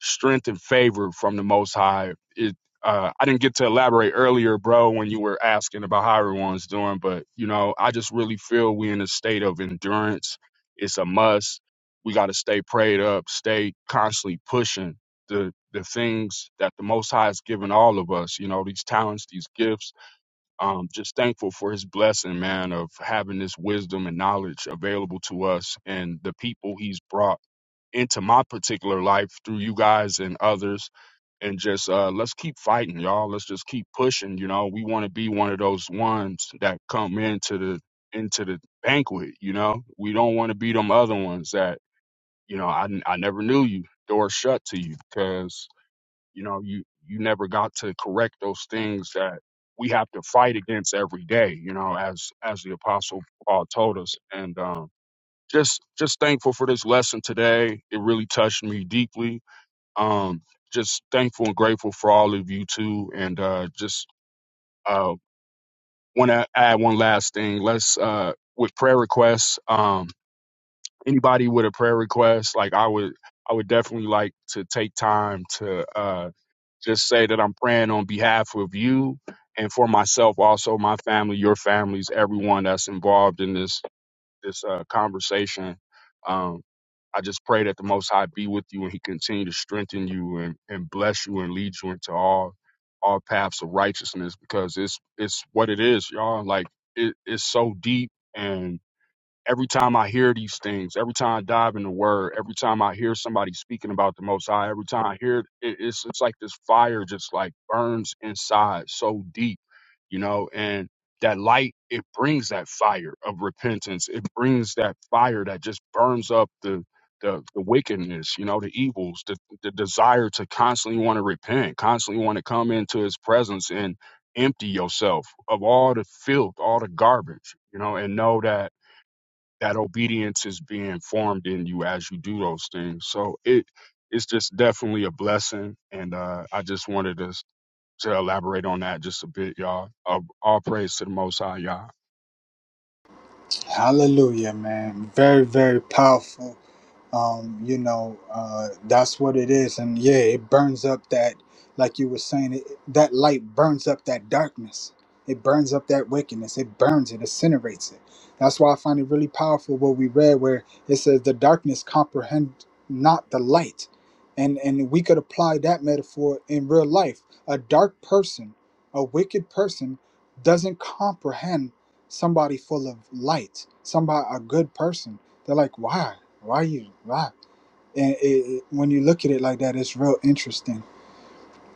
strength and favor from the most high. It uh I didn't get to elaborate earlier, bro, when you were asking about how everyone's doing, but you know, I just really feel we in a state of endurance. It's a must we got to stay prayed up, stay constantly pushing the the things that the Most High has given all of us. You know, these talents, these gifts. Um, just thankful for His blessing, man, of having this wisdom and knowledge available to us, and the people He's brought into my particular life through you guys and others and just uh let's keep fighting y'all let's just keep pushing you know we want to be one of those ones that come into the into the banquet you know we don't want to be them other ones that you know, I, I never knew you. Doors shut to you because, you know, you, you never got to correct those things that we have to fight against every day, you know, as, as the apostle Paul told us. And, um, just, just thankful for this lesson today. It really touched me deeply. Um, just thankful and grateful for all of you too. And, uh, just, uh, want to add one last thing. Let's, uh, with prayer requests. um, anybody with a prayer request, like I would I would definitely like to take time to uh just say that I'm praying on behalf of you and for myself, also my family, your families, everyone that's involved in this this uh, conversation. Um, I just pray that the Most High be with you and He continue to strengthen you and, and bless you and lead you into all all paths of righteousness because it's it's what it is, y'all. Like it, it's so deep and every time I hear these things, every time I dive in the word, every time I hear somebody speaking about the Most High, every time I hear it, it- it's it's like this fire just like burns inside so deep, you know, and that light it brings that fire of repentance. It brings that fire that just burns up the the, the wickedness, you know, the evils, the, the desire to constantly want to repent, constantly want to come into his presence and empty yourself of all the filth, all the garbage, you know, and know that that obedience is being formed in you as you do those things. So it it's just definitely a blessing, and uh, I just wanted to to elaborate on that just a bit, y'all. Uh, all praise to the Most High, y'all. Hallelujah, man. Very, very powerful. um, you know uh, that's what it is and yeah it burns up that like you were saying it, that light burns up that darkness it burns up that wickedness it burns it incinerates it that's why i find it really powerful what we read where it says the darkness comprehend not the light and and we could apply that metaphor in real life a dark person a wicked person doesn't comprehend somebody full of light somebody a good person they're like, why? Why you? Why? And it, it, when you look at it like that, it's real interesting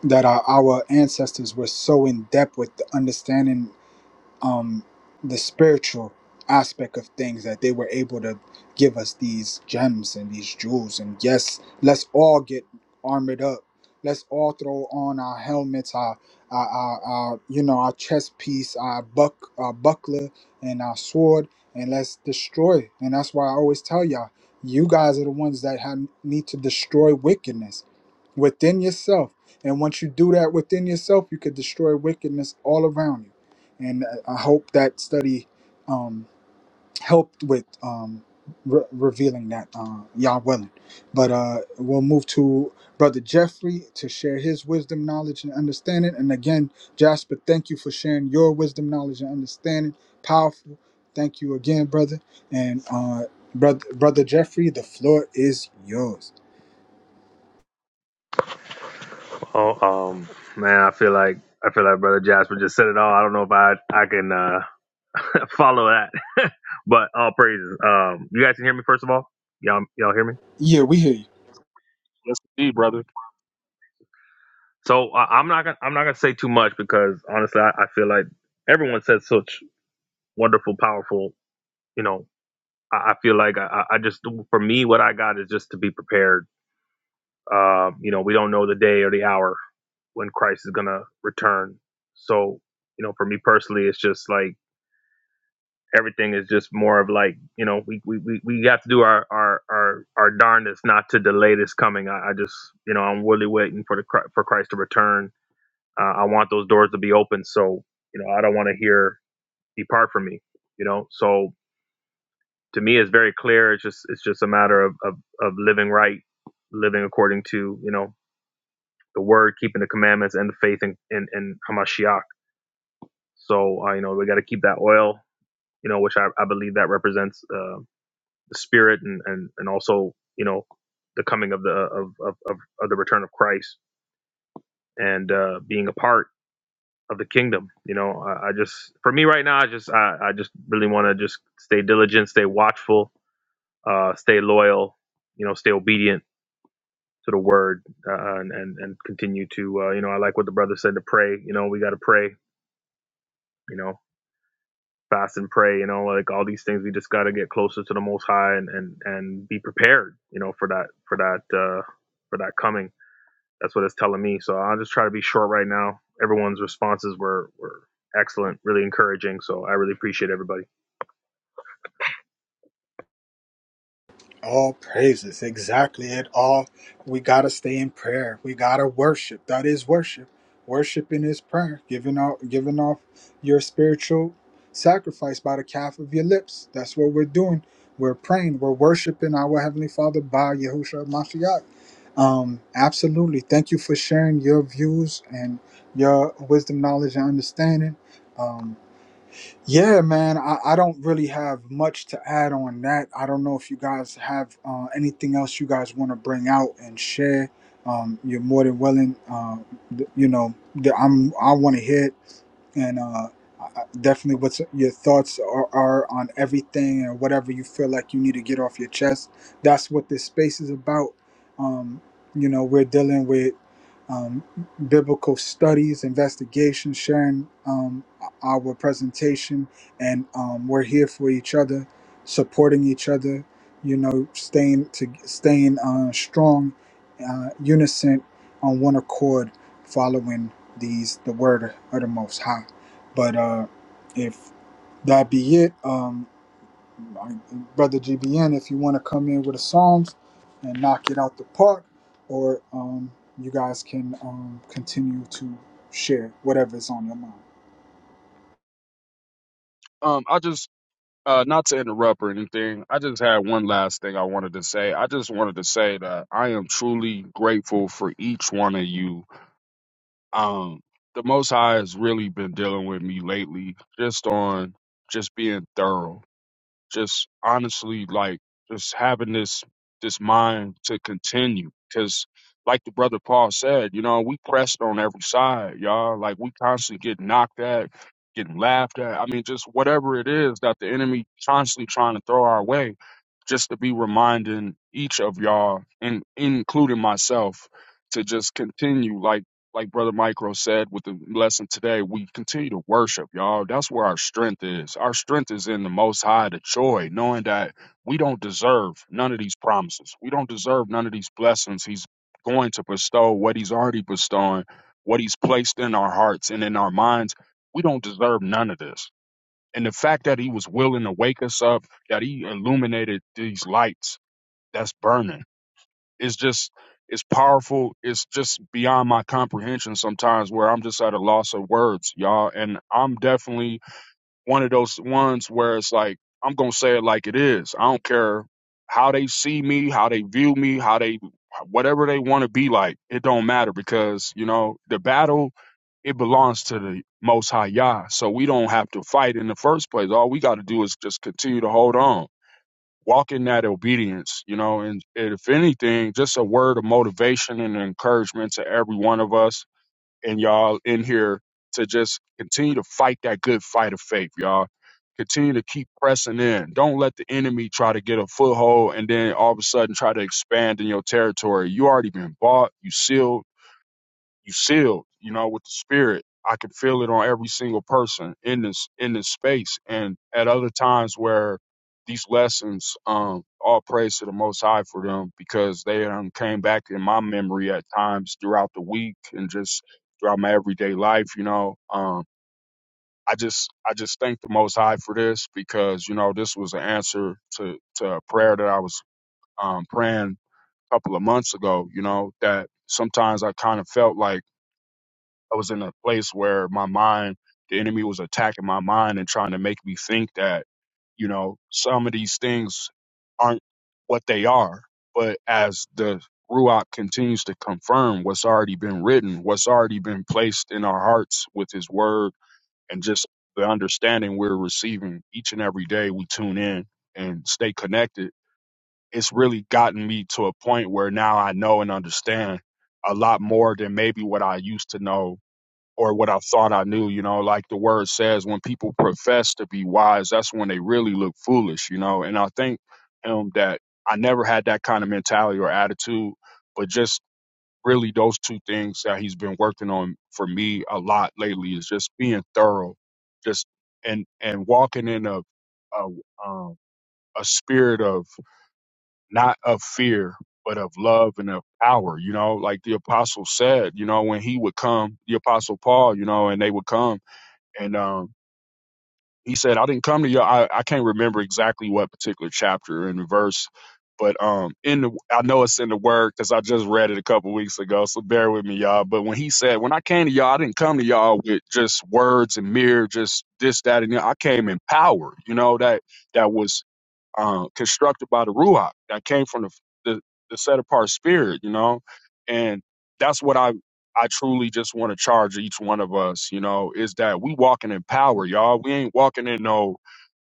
that our, our ancestors were so in depth with the understanding um, the spiritual aspect of things that they were able to give us these gems and these jewels. And yes, let's all get armored up. Let's all throw on our helmets, our, our, our, our you know, our chest piece, our buck, our buckler, and our sword, and let's destroy. And that's why I always tell y'all, you guys are the ones that have, need to destroy wickedness within yourself. And once you do that within yourself, you could destroy wickedness all around you and uh, I hope that study um, helped with um, re- revealing that, uh, y'all willing. But uh, we'll move to Brother Jeffrey to share his wisdom, knowledge, and understanding. And again, Jasper, thank you for sharing your wisdom, knowledge, and understanding. Powerful. Thank you again, brother. And uh, brother, brother Jeffrey, the floor is yours. oh um man i feel like i feel like brother jasper just said it all i don't know if i i can uh follow that but all praises um you guys can hear me first of all y'all y'all hear me Yeah, we hear you. Yes, indeed, brother. so I, i'm not gonna i'm not gonna say too much because honestly i, I feel like everyone says such wonderful powerful you know, I, I feel like I, I just, for me, what I got is just to be prepared. Um, you know, we don't know the day or the hour when Christ is going to return. So, you know, for me personally, it's just like everything is just more of like, you know, we, we, we, we have to do our, our, our, our darndest not to delay this coming. I, I just, you know, I'm really waiting for the, Chri- for Christ to return. Uh, I want those doors to be open. So, you know, I don't want to hear depart from me, you know? So, to me is very clear. It's just it's just a matter of, of of living right, living according to you know the word, keeping the commandments, and the faith in in, in Hamashiach. So uh, you know we got to keep that oil, you know, which I, I believe that represents uh, the spirit and, and and also you know the coming of the of of of, of the return of Christ and uh, being a part of the kingdom. You know, I, I just for me right now, I just I, I just really want to just stay diligent, stay watchful, uh, stay loyal, you know, stay obedient to the word uh, and, and and continue to uh, you know I like what the brother said to pray you know we got to pray you know fast and pray you know like all these things we just got to get closer to the most high and, and and be prepared you know for that for that uh for that coming that's what it's telling me so I'll just try to be short right now everyone's responses were were excellent really encouraging so I really appreciate everybody All praises. Exactly. It all we gotta stay in prayer. We gotta worship. That is worship. Worshiping is prayer. Giving off, giving off your spiritual sacrifice by the calf of your lips. That's what we're doing. We're praying. We're worshiping our Heavenly Father by Yahushua Mashiach. Um, absolutely. Thank you for sharing your views and your wisdom, knowledge, and understanding. Um, yeah, man, I, I don't really have much to add on that. I don't know if you guys have uh, anything else you guys want to bring out and share. Um, you're more than willing. Uh, th- you know, th- I'm I want to hear it and uh, I- I- definitely what's your thoughts are, are on everything and whatever you feel like you need to get off your chest that's what this space is about um, you know we're dealing with um, biblical studies investigations, sharing um, our presentation and um, we're here for each other supporting each other you know staying to staying uh, strong uh, unison on one accord following these the word of the most high but uh if that be it um I- brother gbn if you want to come in with the psalms and knock it out the park or um you guys can um continue to share whatever is on your mind Um, I just uh, not to interrupt or anything. I just had one last thing I wanted to say. I just wanted to say that I am truly grateful for each one of you. Um, the Most High has really been dealing with me lately, just on just being thorough just honestly like just having this this mind to continue because like the brother paul said you know we pressed on every side y'all like we constantly get knocked at getting laughed at i mean just whatever it is that the enemy constantly trying to throw our way just to be reminding each of y'all and including myself to just continue like like Brother Micro said with the lesson today, we continue to worship, y'all. That's where our strength is. Our strength is in the Most High, the joy, knowing that we don't deserve none of these promises. We don't deserve none of these blessings. He's going to bestow what He's already bestowing, what He's placed in our hearts and in our minds. We don't deserve none of this. And the fact that He was willing to wake us up, that He illuminated these lights that's burning it's just it's powerful. It's just beyond my comprehension sometimes where I'm just at a loss of words, y'all. And I'm definitely one of those ones where it's like, I'm gonna say it like it is. I don't care how they see me, how they view me, how they whatever they want to be like, it don't matter because, you know, the battle it belongs to the most high Yah. So we don't have to fight in the first place. All we gotta do is just continue to hold on walk in that obedience, you know, and if anything, just a word of motivation and encouragement to every one of us and y'all in here to just continue to fight that good fight of faith, y'all. Continue to keep pressing in. Don't let the enemy try to get a foothold and then all of a sudden try to expand in your territory. You already been bought, you sealed, you sealed, you know, with the spirit. I could feel it on every single person in this in this space. And at other times where these lessons, um, all praise to the most high for them because they um came back in my memory at times throughout the week and just throughout my everyday life, you know. Um I just I just thank the most high for this because, you know, this was an answer to, to a prayer that I was um praying a couple of months ago, you know, that sometimes I kind of felt like I was in a place where my mind, the enemy was attacking my mind and trying to make me think that, you know, some of these things aren't what they are. But as the Ruach continues to confirm what's already been written, what's already been placed in our hearts with his word, and just the understanding we're receiving each and every day we tune in and stay connected, it's really gotten me to a point where now I know and understand a lot more than maybe what I used to know or what I thought I knew. You know, like the word says, when people profess to be wise, that's when they really look foolish. You know, and I think um, that I never had that kind of mentality or attitude, but just really those two things that he's been working on for me a lot lately is just being thorough, just and and walking in a a, um, a spirit of not of fear but of love and of power, you know, like the apostle said, you know, when he would come, the apostle Paul, you know, and they would come and um, he said, "I didn't come to y'all. I, I can't remember exactly what particular chapter and verse, but um, in the I know it's in the word because I just read it a couple weeks ago. So bear with me, y'all. But when he said, when I came to y'all, I didn't come to y'all with just words and mere just this, that, and the other. I came in power. You know that that was uh, constructed by the Ruach that came from the, the, the set apart spirit, you know? And that's what I, I truly just want to charge each one of us, you know, is that we walking in power, y'all. We ain't walking in no,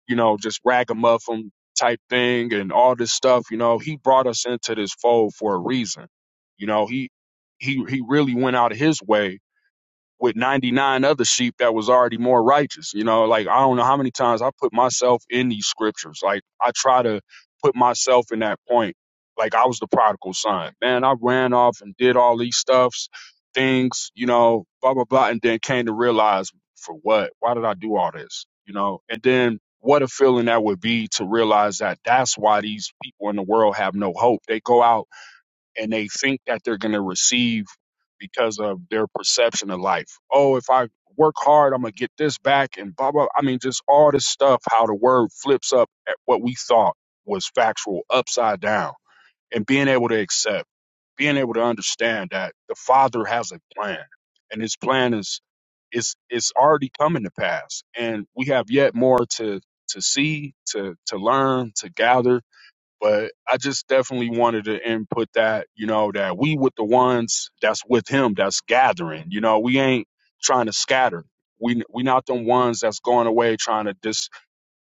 you know, just ragamuffin type thing and all this stuff, you know. He brought us into this fold for a reason. You know, he he he really went out of his way with 99 other sheep that was already more righteous. You know, like I don't know how many times I put myself in these scriptures. Like I try to put myself in that point. Like I was the prodigal son. Man, I ran off and did all these stuffs, things, you know, blah, blah, blah. And then came to realize for what? Why did I do all this? You know, and then what a feeling that would be to realize that that's why these people in the world have no hope. They go out and they think that they're going to receive because of their perception of life. Oh, if I work hard, I'm going to get this back and blah, blah. I mean, just all this stuff, how the word flips up at what we thought was factual upside down and being able to accept, being able to understand that the Father has a plan and his plan is is is already coming to pass and we have yet more to to see to to learn to gather but I just definitely wanted to input that, you know, that we with the ones that's with him, that's gathering. You know, we ain't trying to scatter. We we not the ones that's going away trying to dis,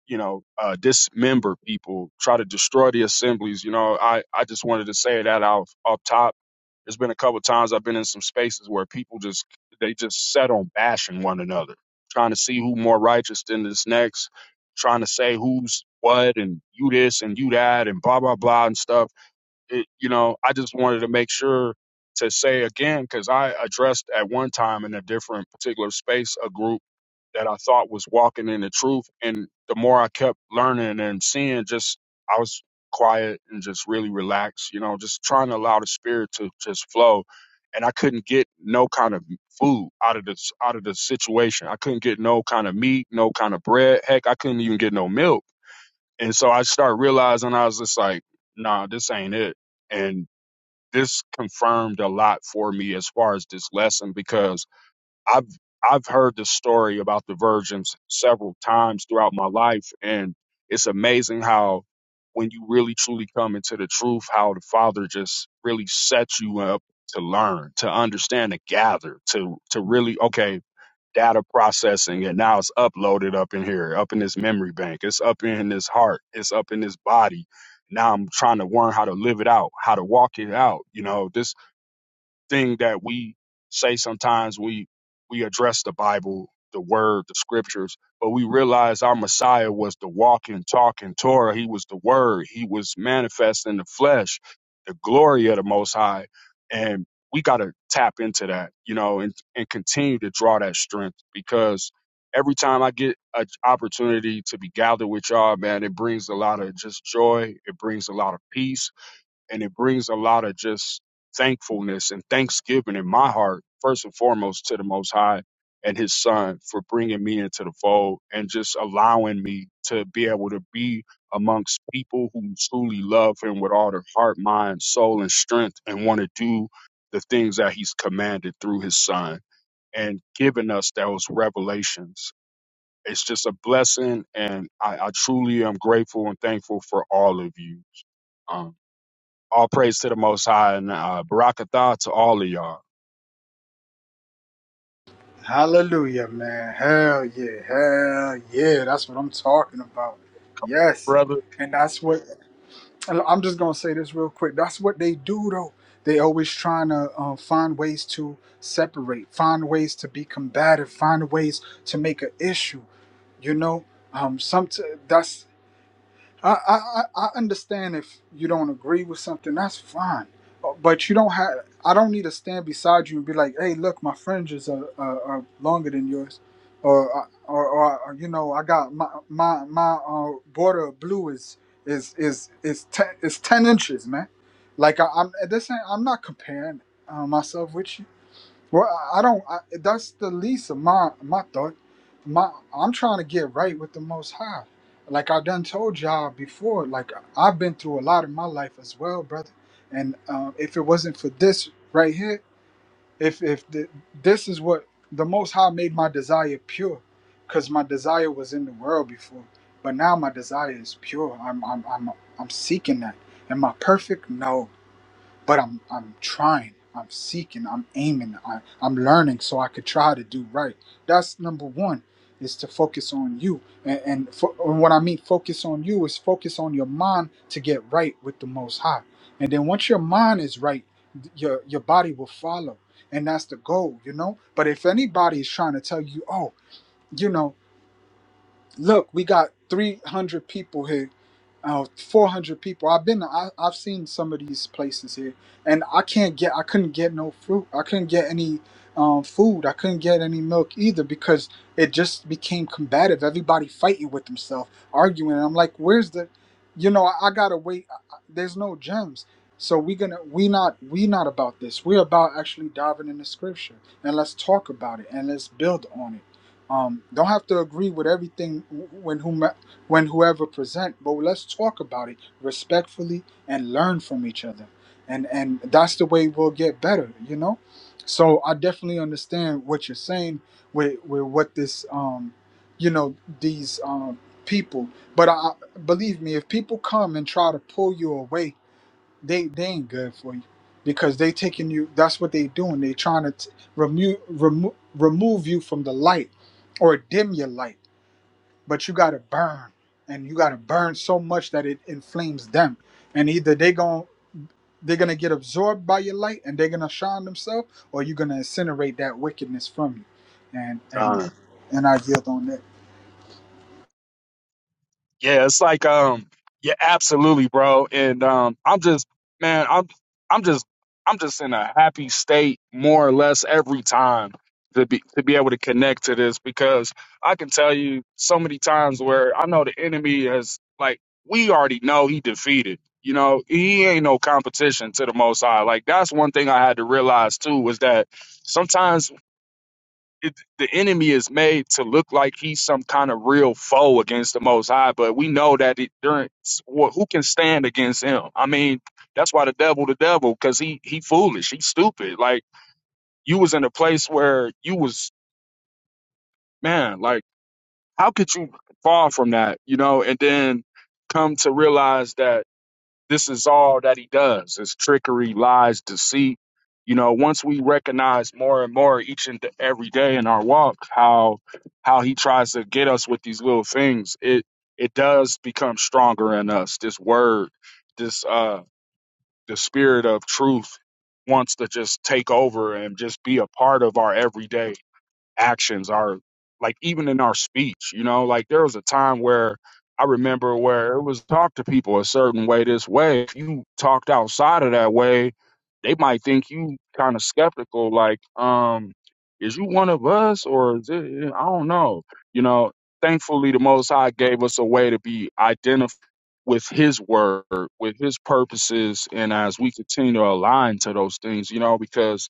you know, uh, dismember people, try to destroy the assemblies. You know, I I just wanted to say that off off top there's been a couple of times I've been in some spaces where people just they just set on bashing one another, trying to see who more righteous than this next, trying to say who's what and you this and you that and blah blah blah and stuff. It, you know, I just wanted to make sure to say again because I addressed at one time in a different particular space a group that I thought was walking in the truth. And the more I kept learning and seeing, just I was quiet and just really relaxed, you know, just trying to allow the spirit to just flow. And I couldn't get no kind of food out of this out of the situation. I couldn't get no kind of meat, no kind of bread. Heck, I couldn't even get no milk. And so I started realizing I was just like, nah, this ain't it. And this confirmed a lot for me as far as this lesson because I've I've heard the story about the virgins several times throughout my life, and it's amazing how when you really truly come into the truth, how the Father just really sets you up to learn, to understand, to gather, to to really okay data processing, and now it's uploaded up in here, up in this memory bank, it's up in this heart, it's up in this body. Now I'm trying to learn how to live it out, how to walk it out. You know, this thing that we say sometimes we we address the Bible, the Word, the Scriptures, but we realize our Messiah was the walking, talking Torah. He was the Word. He was manifest in the flesh, the glory of the Most High, and we got to tap into that, you know, and and continue to draw that strength because every time I get an opportunity to be gathered with y'all, man, it brings a lot of just joy. It brings a lot of peace and it brings a lot of just thankfulness and thanksgiving in my heart first and foremost to the most high and his son for bringing me into the fold and just allowing me to be able to be amongst people who truly love him with all their heart mind soul and strength and want to do the things that he's commanded through his son and giving us those revelations it's just a blessing and i, I truly am grateful and thankful for all of you Um, all praise to the Most High and uh, barakatah to all of y'all, hallelujah man hell yeah hell yeah that's what i'm talking about yes brother. and that's what And I'm just gonna say this real quick. That's what they do, though. They always trying to uh, find ways to separate, find ways to be combative, find ways to make an issue. You know, um, some that's I, I, I understand if you don't agree with something, that's fine. Uh, But you don't have. I don't need to stand beside you and be like, "Hey, look, my fringes are, are, are longer than yours," or, uh, or or or, you know, I got my my my uh, border of blue is is is is ten is ten inches, man. Like I, I'm this ain't, I'm not comparing uh, myself with you. Well, I don't. I, that's the least of my my thought. My I'm trying to get right with the Most High. Like I done told y'all before. Like I've been through a lot in my life as well, brother. And um, if it wasn't for this right here, if if the, this is what the Most High made my desire pure, because my desire was in the world before, but now my desire is pure. I'm I'm I'm I'm seeking that. Am I perfect? No but I'm I'm trying. I'm seeking. I'm aiming. I, I'm learning so I could try to do right. That's number one is to focus on you. And, and, fo- and what I mean focus on you is focus on your mind to get right with the Most High. And then once your mind is right, your your body will follow. And that's the goal, you know. But if anybody is trying to tell you, oh, you know look, we got 300 people here, uh, 400 people. I've been, I, I've seen some of these places here, and I can't get, I couldn't get no fruit. I couldn't get any um, food. I couldn't get any milk either because it just became combative. Everybody fighting with themselves, arguing. And I'm like, where's the, you know, I, I gotta wait. I, I- there's no gems. So we gonna we not we not about this. We're about actually diving into scripture and let's talk about it and let's build on it um, don't have to agree with everything when whom when whoever present, but let's talk about it respectfully and learn from each other, and and that's the way we'll get better, you know. So I definitely understand what you're saying with with what this um, you know, these um people. But I believe me, if people come and try to pull you away they they ain't good for you because they taking you that's what they doing they trying to t- remove remo- remove you from the light or dim your light but you got to burn and you got to burn so much that it inflames them and either they gon' they're gonna get absorbed by your light and they're gonna shine themselves or you're gonna incinerate that wickedness from you and and Uh, and i yield on that yeah, it's like um, yeah, absolutely, bro. And um, I'm just man, I'm I'm just I'm just in a happy state more or less every time to be to be able to connect to this because I can tell you so many times where I know the enemy has like we already know he defeated. You know, he ain't no competition to the Most High. Like that's one thing I had to realize too was that sometimes it, the enemy is made to look like he's some kind of real foe against the Most High, but we know that it during well, who can stand against him? I mean, that's why the devil, the devil, because he he foolish, he's stupid. Like you was in a place where you was man, like how could you fall from that, you know? And then come to realize that. This is all that he does is trickery, lies, deceit. You know, once we recognize more and more each and every day in our walk how how he tries to get us with these little things, it it does become stronger in us. This word, this uh the spirit of truth wants to just take over and just be a part of our everyday actions our like even in our speech you know like there was a time where i remember where it was talk to people a certain way this way if you talked outside of that way they might think you kind of skeptical like um is you one of us or is it, eh, i don't know you know thankfully the most high gave us a way to be identified with his word with his purposes and as we continue to align to those things you know because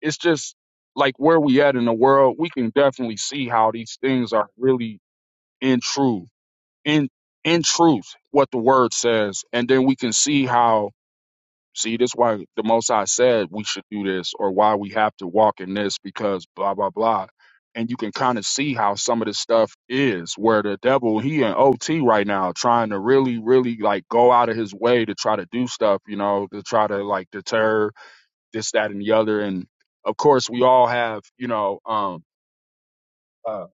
it's just like where we at in the world, we can definitely see how these things are really in truth, in in truth, what the word says, and then we can see how see this why the most I said we should do this or why we have to walk in this because blah blah blah. And you can kind of see how some of this stuff is where the devil, he in OT right now, trying to really, really like go out of his way to try to do stuff, you know, to try to like deter this, that, and the other. And of course, we all have, you know, um, uh,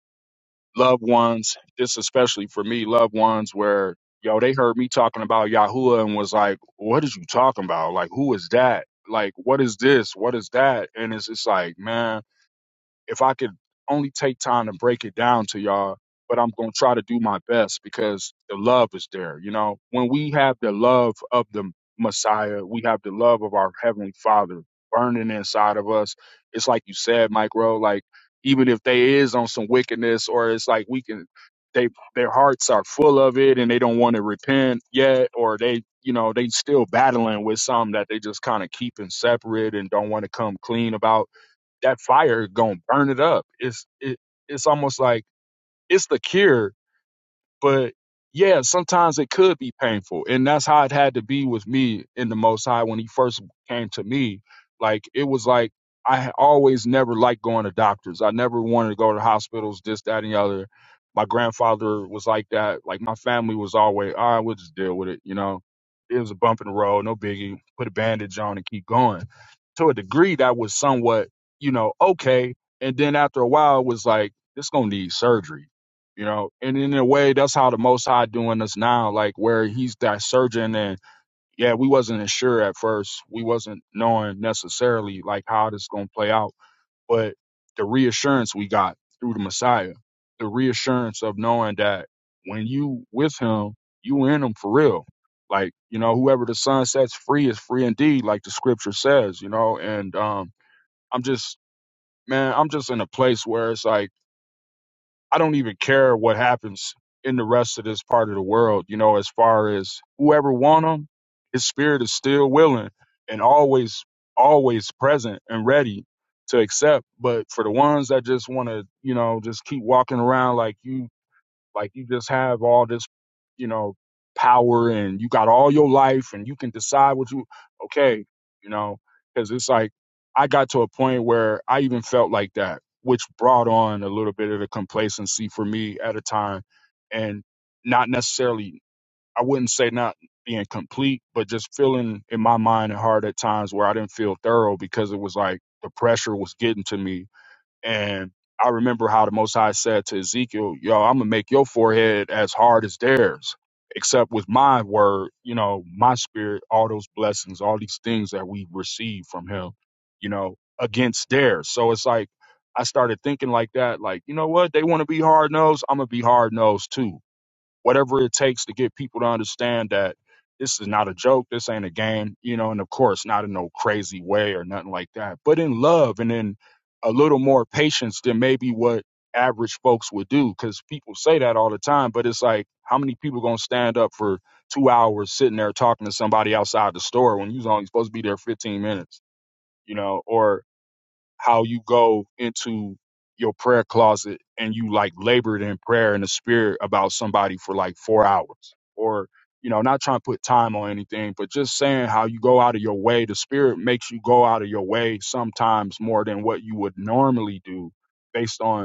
loved ones. This especially for me, loved ones where yo they heard me talking about Yahuwah and was like, "What is you talking about? Like, who is that? Like, what is this? What is that?" And it's just like, man if I could only take time to break it down to y'all, but I'm going to try to do my best because the love is there. You know, when we have the love of the Messiah, we have the love of our Heavenly Father burning inside of us. It's like you said, Mike Rowe, like even if they is on some wickedness or it's like we can, they, their hearts are full of it and they don't want to repent yet, or they, you know, they still battling with some that they just kind of keeping separate and don't want to come clean about that fire gonna burn it up. It's it, it's almost like it's the cure but yeah, sometimes it could be painful. And that's how it had to be with me in the Most High when he first came to me. Like, it was like, I had always never liked going to doctors. I never wanted to go to hospitals, this, that, and the other. My grandfather was like that. Like, my family was always, all right, we'll just deal with it. You know, it was a bump in the road, no biggie. Put a bandage on and keep going. To a degree, that was somewhat, you know, okay. And then after a while, it was like, this going to need surgery you know and in a way that's how the most high doing us now like where he's that surgeon and yeah we wasn't as sure at first we wasn't knowing necessarily like how this going to play out but the reassurance we got through the messiah the reassurance of knowing that when you with him you in him for real like you know whoever the son sets free is free indeed like the scripture says you know and um i'm just man i'm just in a place where it's like I don't even care what happens in the rest of this part of the world. You know, as far as whoever want him, his spirit is still willing and always, always present and ready to accept. But for the ones that just want to, you know, just keep walking around like you like you just have all this, you know, power and you got all your life and you can decide what you, okay, you know, because it's like I got to a point where I even felt like that, which brought on a little bit of the complacency for me at a time and not necessarily, I wouldn't say not being complete, but just feeling in my mind and heart at times where I didn't feel thorough because it was like the pressure was getting to me and I remember how the Most High said to Ezekiel, Yo, I'm going to make your forehead as hard as theirs, except with my word, you know, my spirit, all those blessings, all these things that we receive from him, you know, against theirs. So it's like, I started thinking like that, like, you know what? They want to be hard nosed. I'm going to be hard nosed too whatever it takes to get people to understand that this is not a joke, this ain't a game, you know, and of course, not in no crazy way or nothing like that, but in love and in a little more patience than maybe what average folks would do because people say that all the time, but it's like, how many people gonna stand up for two hours sitting there talking to somebody outside the store when you was only supposed to be there 15 minutes, you know, or how you go into your prayer closet and you like labored in prayer in the spirit about somebody for like four hours or you know not trying to put time on anything but just saying how you go out of your way the spirit makes you go out of your way sometimes more than what you would normally do based on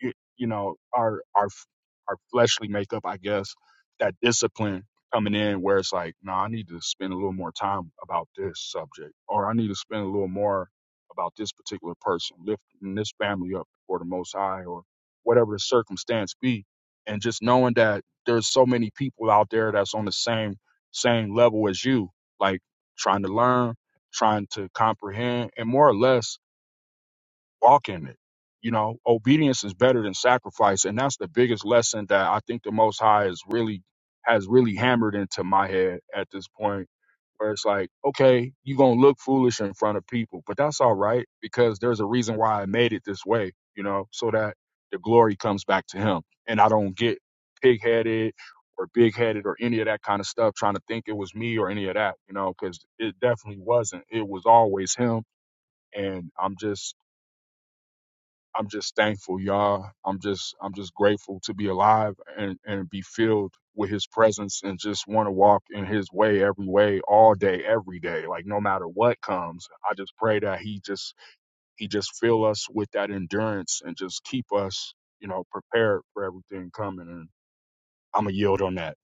you, you know our our f- our fleshly makeup i guess that discipline coming in where it's like no i need to spend a little more time about this subject or i need to spend a little more about this particular person lifting this family up for the most high or whatever the circumstance be and just knowing that there's so many people out there that's on the same same level as you like trying to learn trying to comprehend and more or less walk in it. You know, obedience is better than sacrifice, and that's the biggest lesson that I think the Most High is really has really hammered into my head at this point. Where it's like, okay, you gonna look foolish in front of people, but that's all right because there's a reason why I made it this way. You know, so that the glory comes back to Him, and I don't get pig headed or big headed or any of that kind of stuff trying to think it was me or any of that. You know, because it definitely wasn't. It was always Him, and I'm just I'm just thankful, y'all. I'm just I'm just grateful to be alive and and be filled with His presence and just want to walk in His way every way, all day, every day. Like no matter what comes, I just pray that He just He just fill us with that endurance and just keep us, you know, prepared for everything coming. And I'm a yield on that.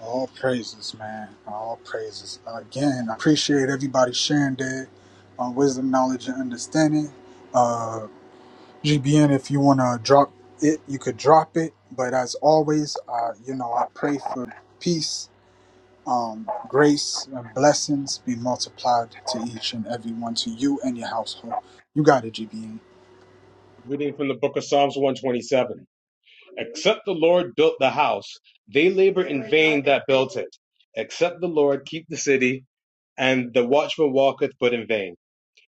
All praises, man. All praises. Again, I appreciate everybody sharing their uh, wisdom, knowledge, and understanding. Uh, GBN, if you want to drop it, you could drop it. But as always, uh, you know, I pray for peace, um, grace, and blessings be multiplied to each and every one, to you and your household. You got it, GBN. Reading from the book of Psalms 127. Except the Lord built the house, they labor in vain that built it. Except the Lord keep the city, and the watchman walketh but in vain.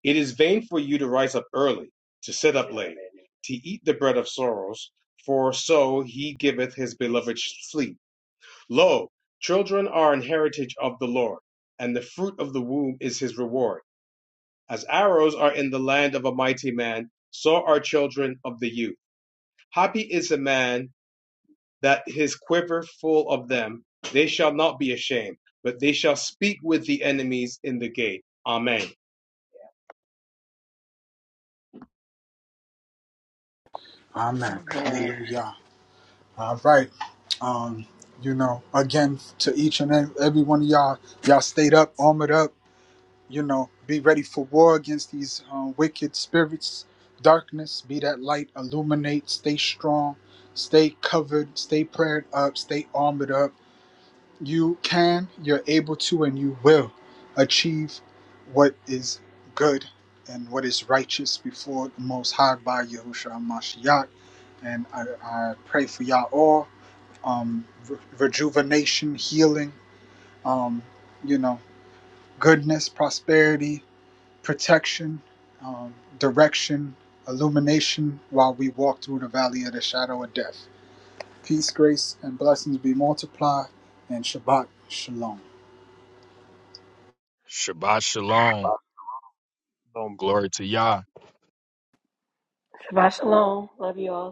It is vain for you to rise up early, to sit up late, to eat the bread of sorrows, for so he giveth his beloved sleep. Lo, children are an heritage of the Lord, and the fruit of the womb is his reward. As arrows are in the land of a mighty man, so are children of the youth. Happy is the man that his quiver full of them. They shall not be ashamed, but they shall speak with the enemies in the gate. Amen. Amen. Amen. Hallelujah. All right. Um, you know, again to each and every one of y'all, y'all stayed up, armored up, you know, be ready for war against these um, wicked spirits, darkness, be that light, illuminate, stay strong, stay covered, stay prayed up, stay armored up you can, you're able to, and you will achieve what is good and what is righteous before the Most High by Yahushua Mashiach. And I, I pray for y'all all um, re- rejuvenation, healing, um, you know, goodness, prosperity, protection, um, direction, illumination while we walk through the valley of the shadow of death. Peace, grace, and blessings be multiplied, and Shabbat Shalom. Shabbat shalom. Shalom, Glory to Yah. Shabbat shalom. Love you all.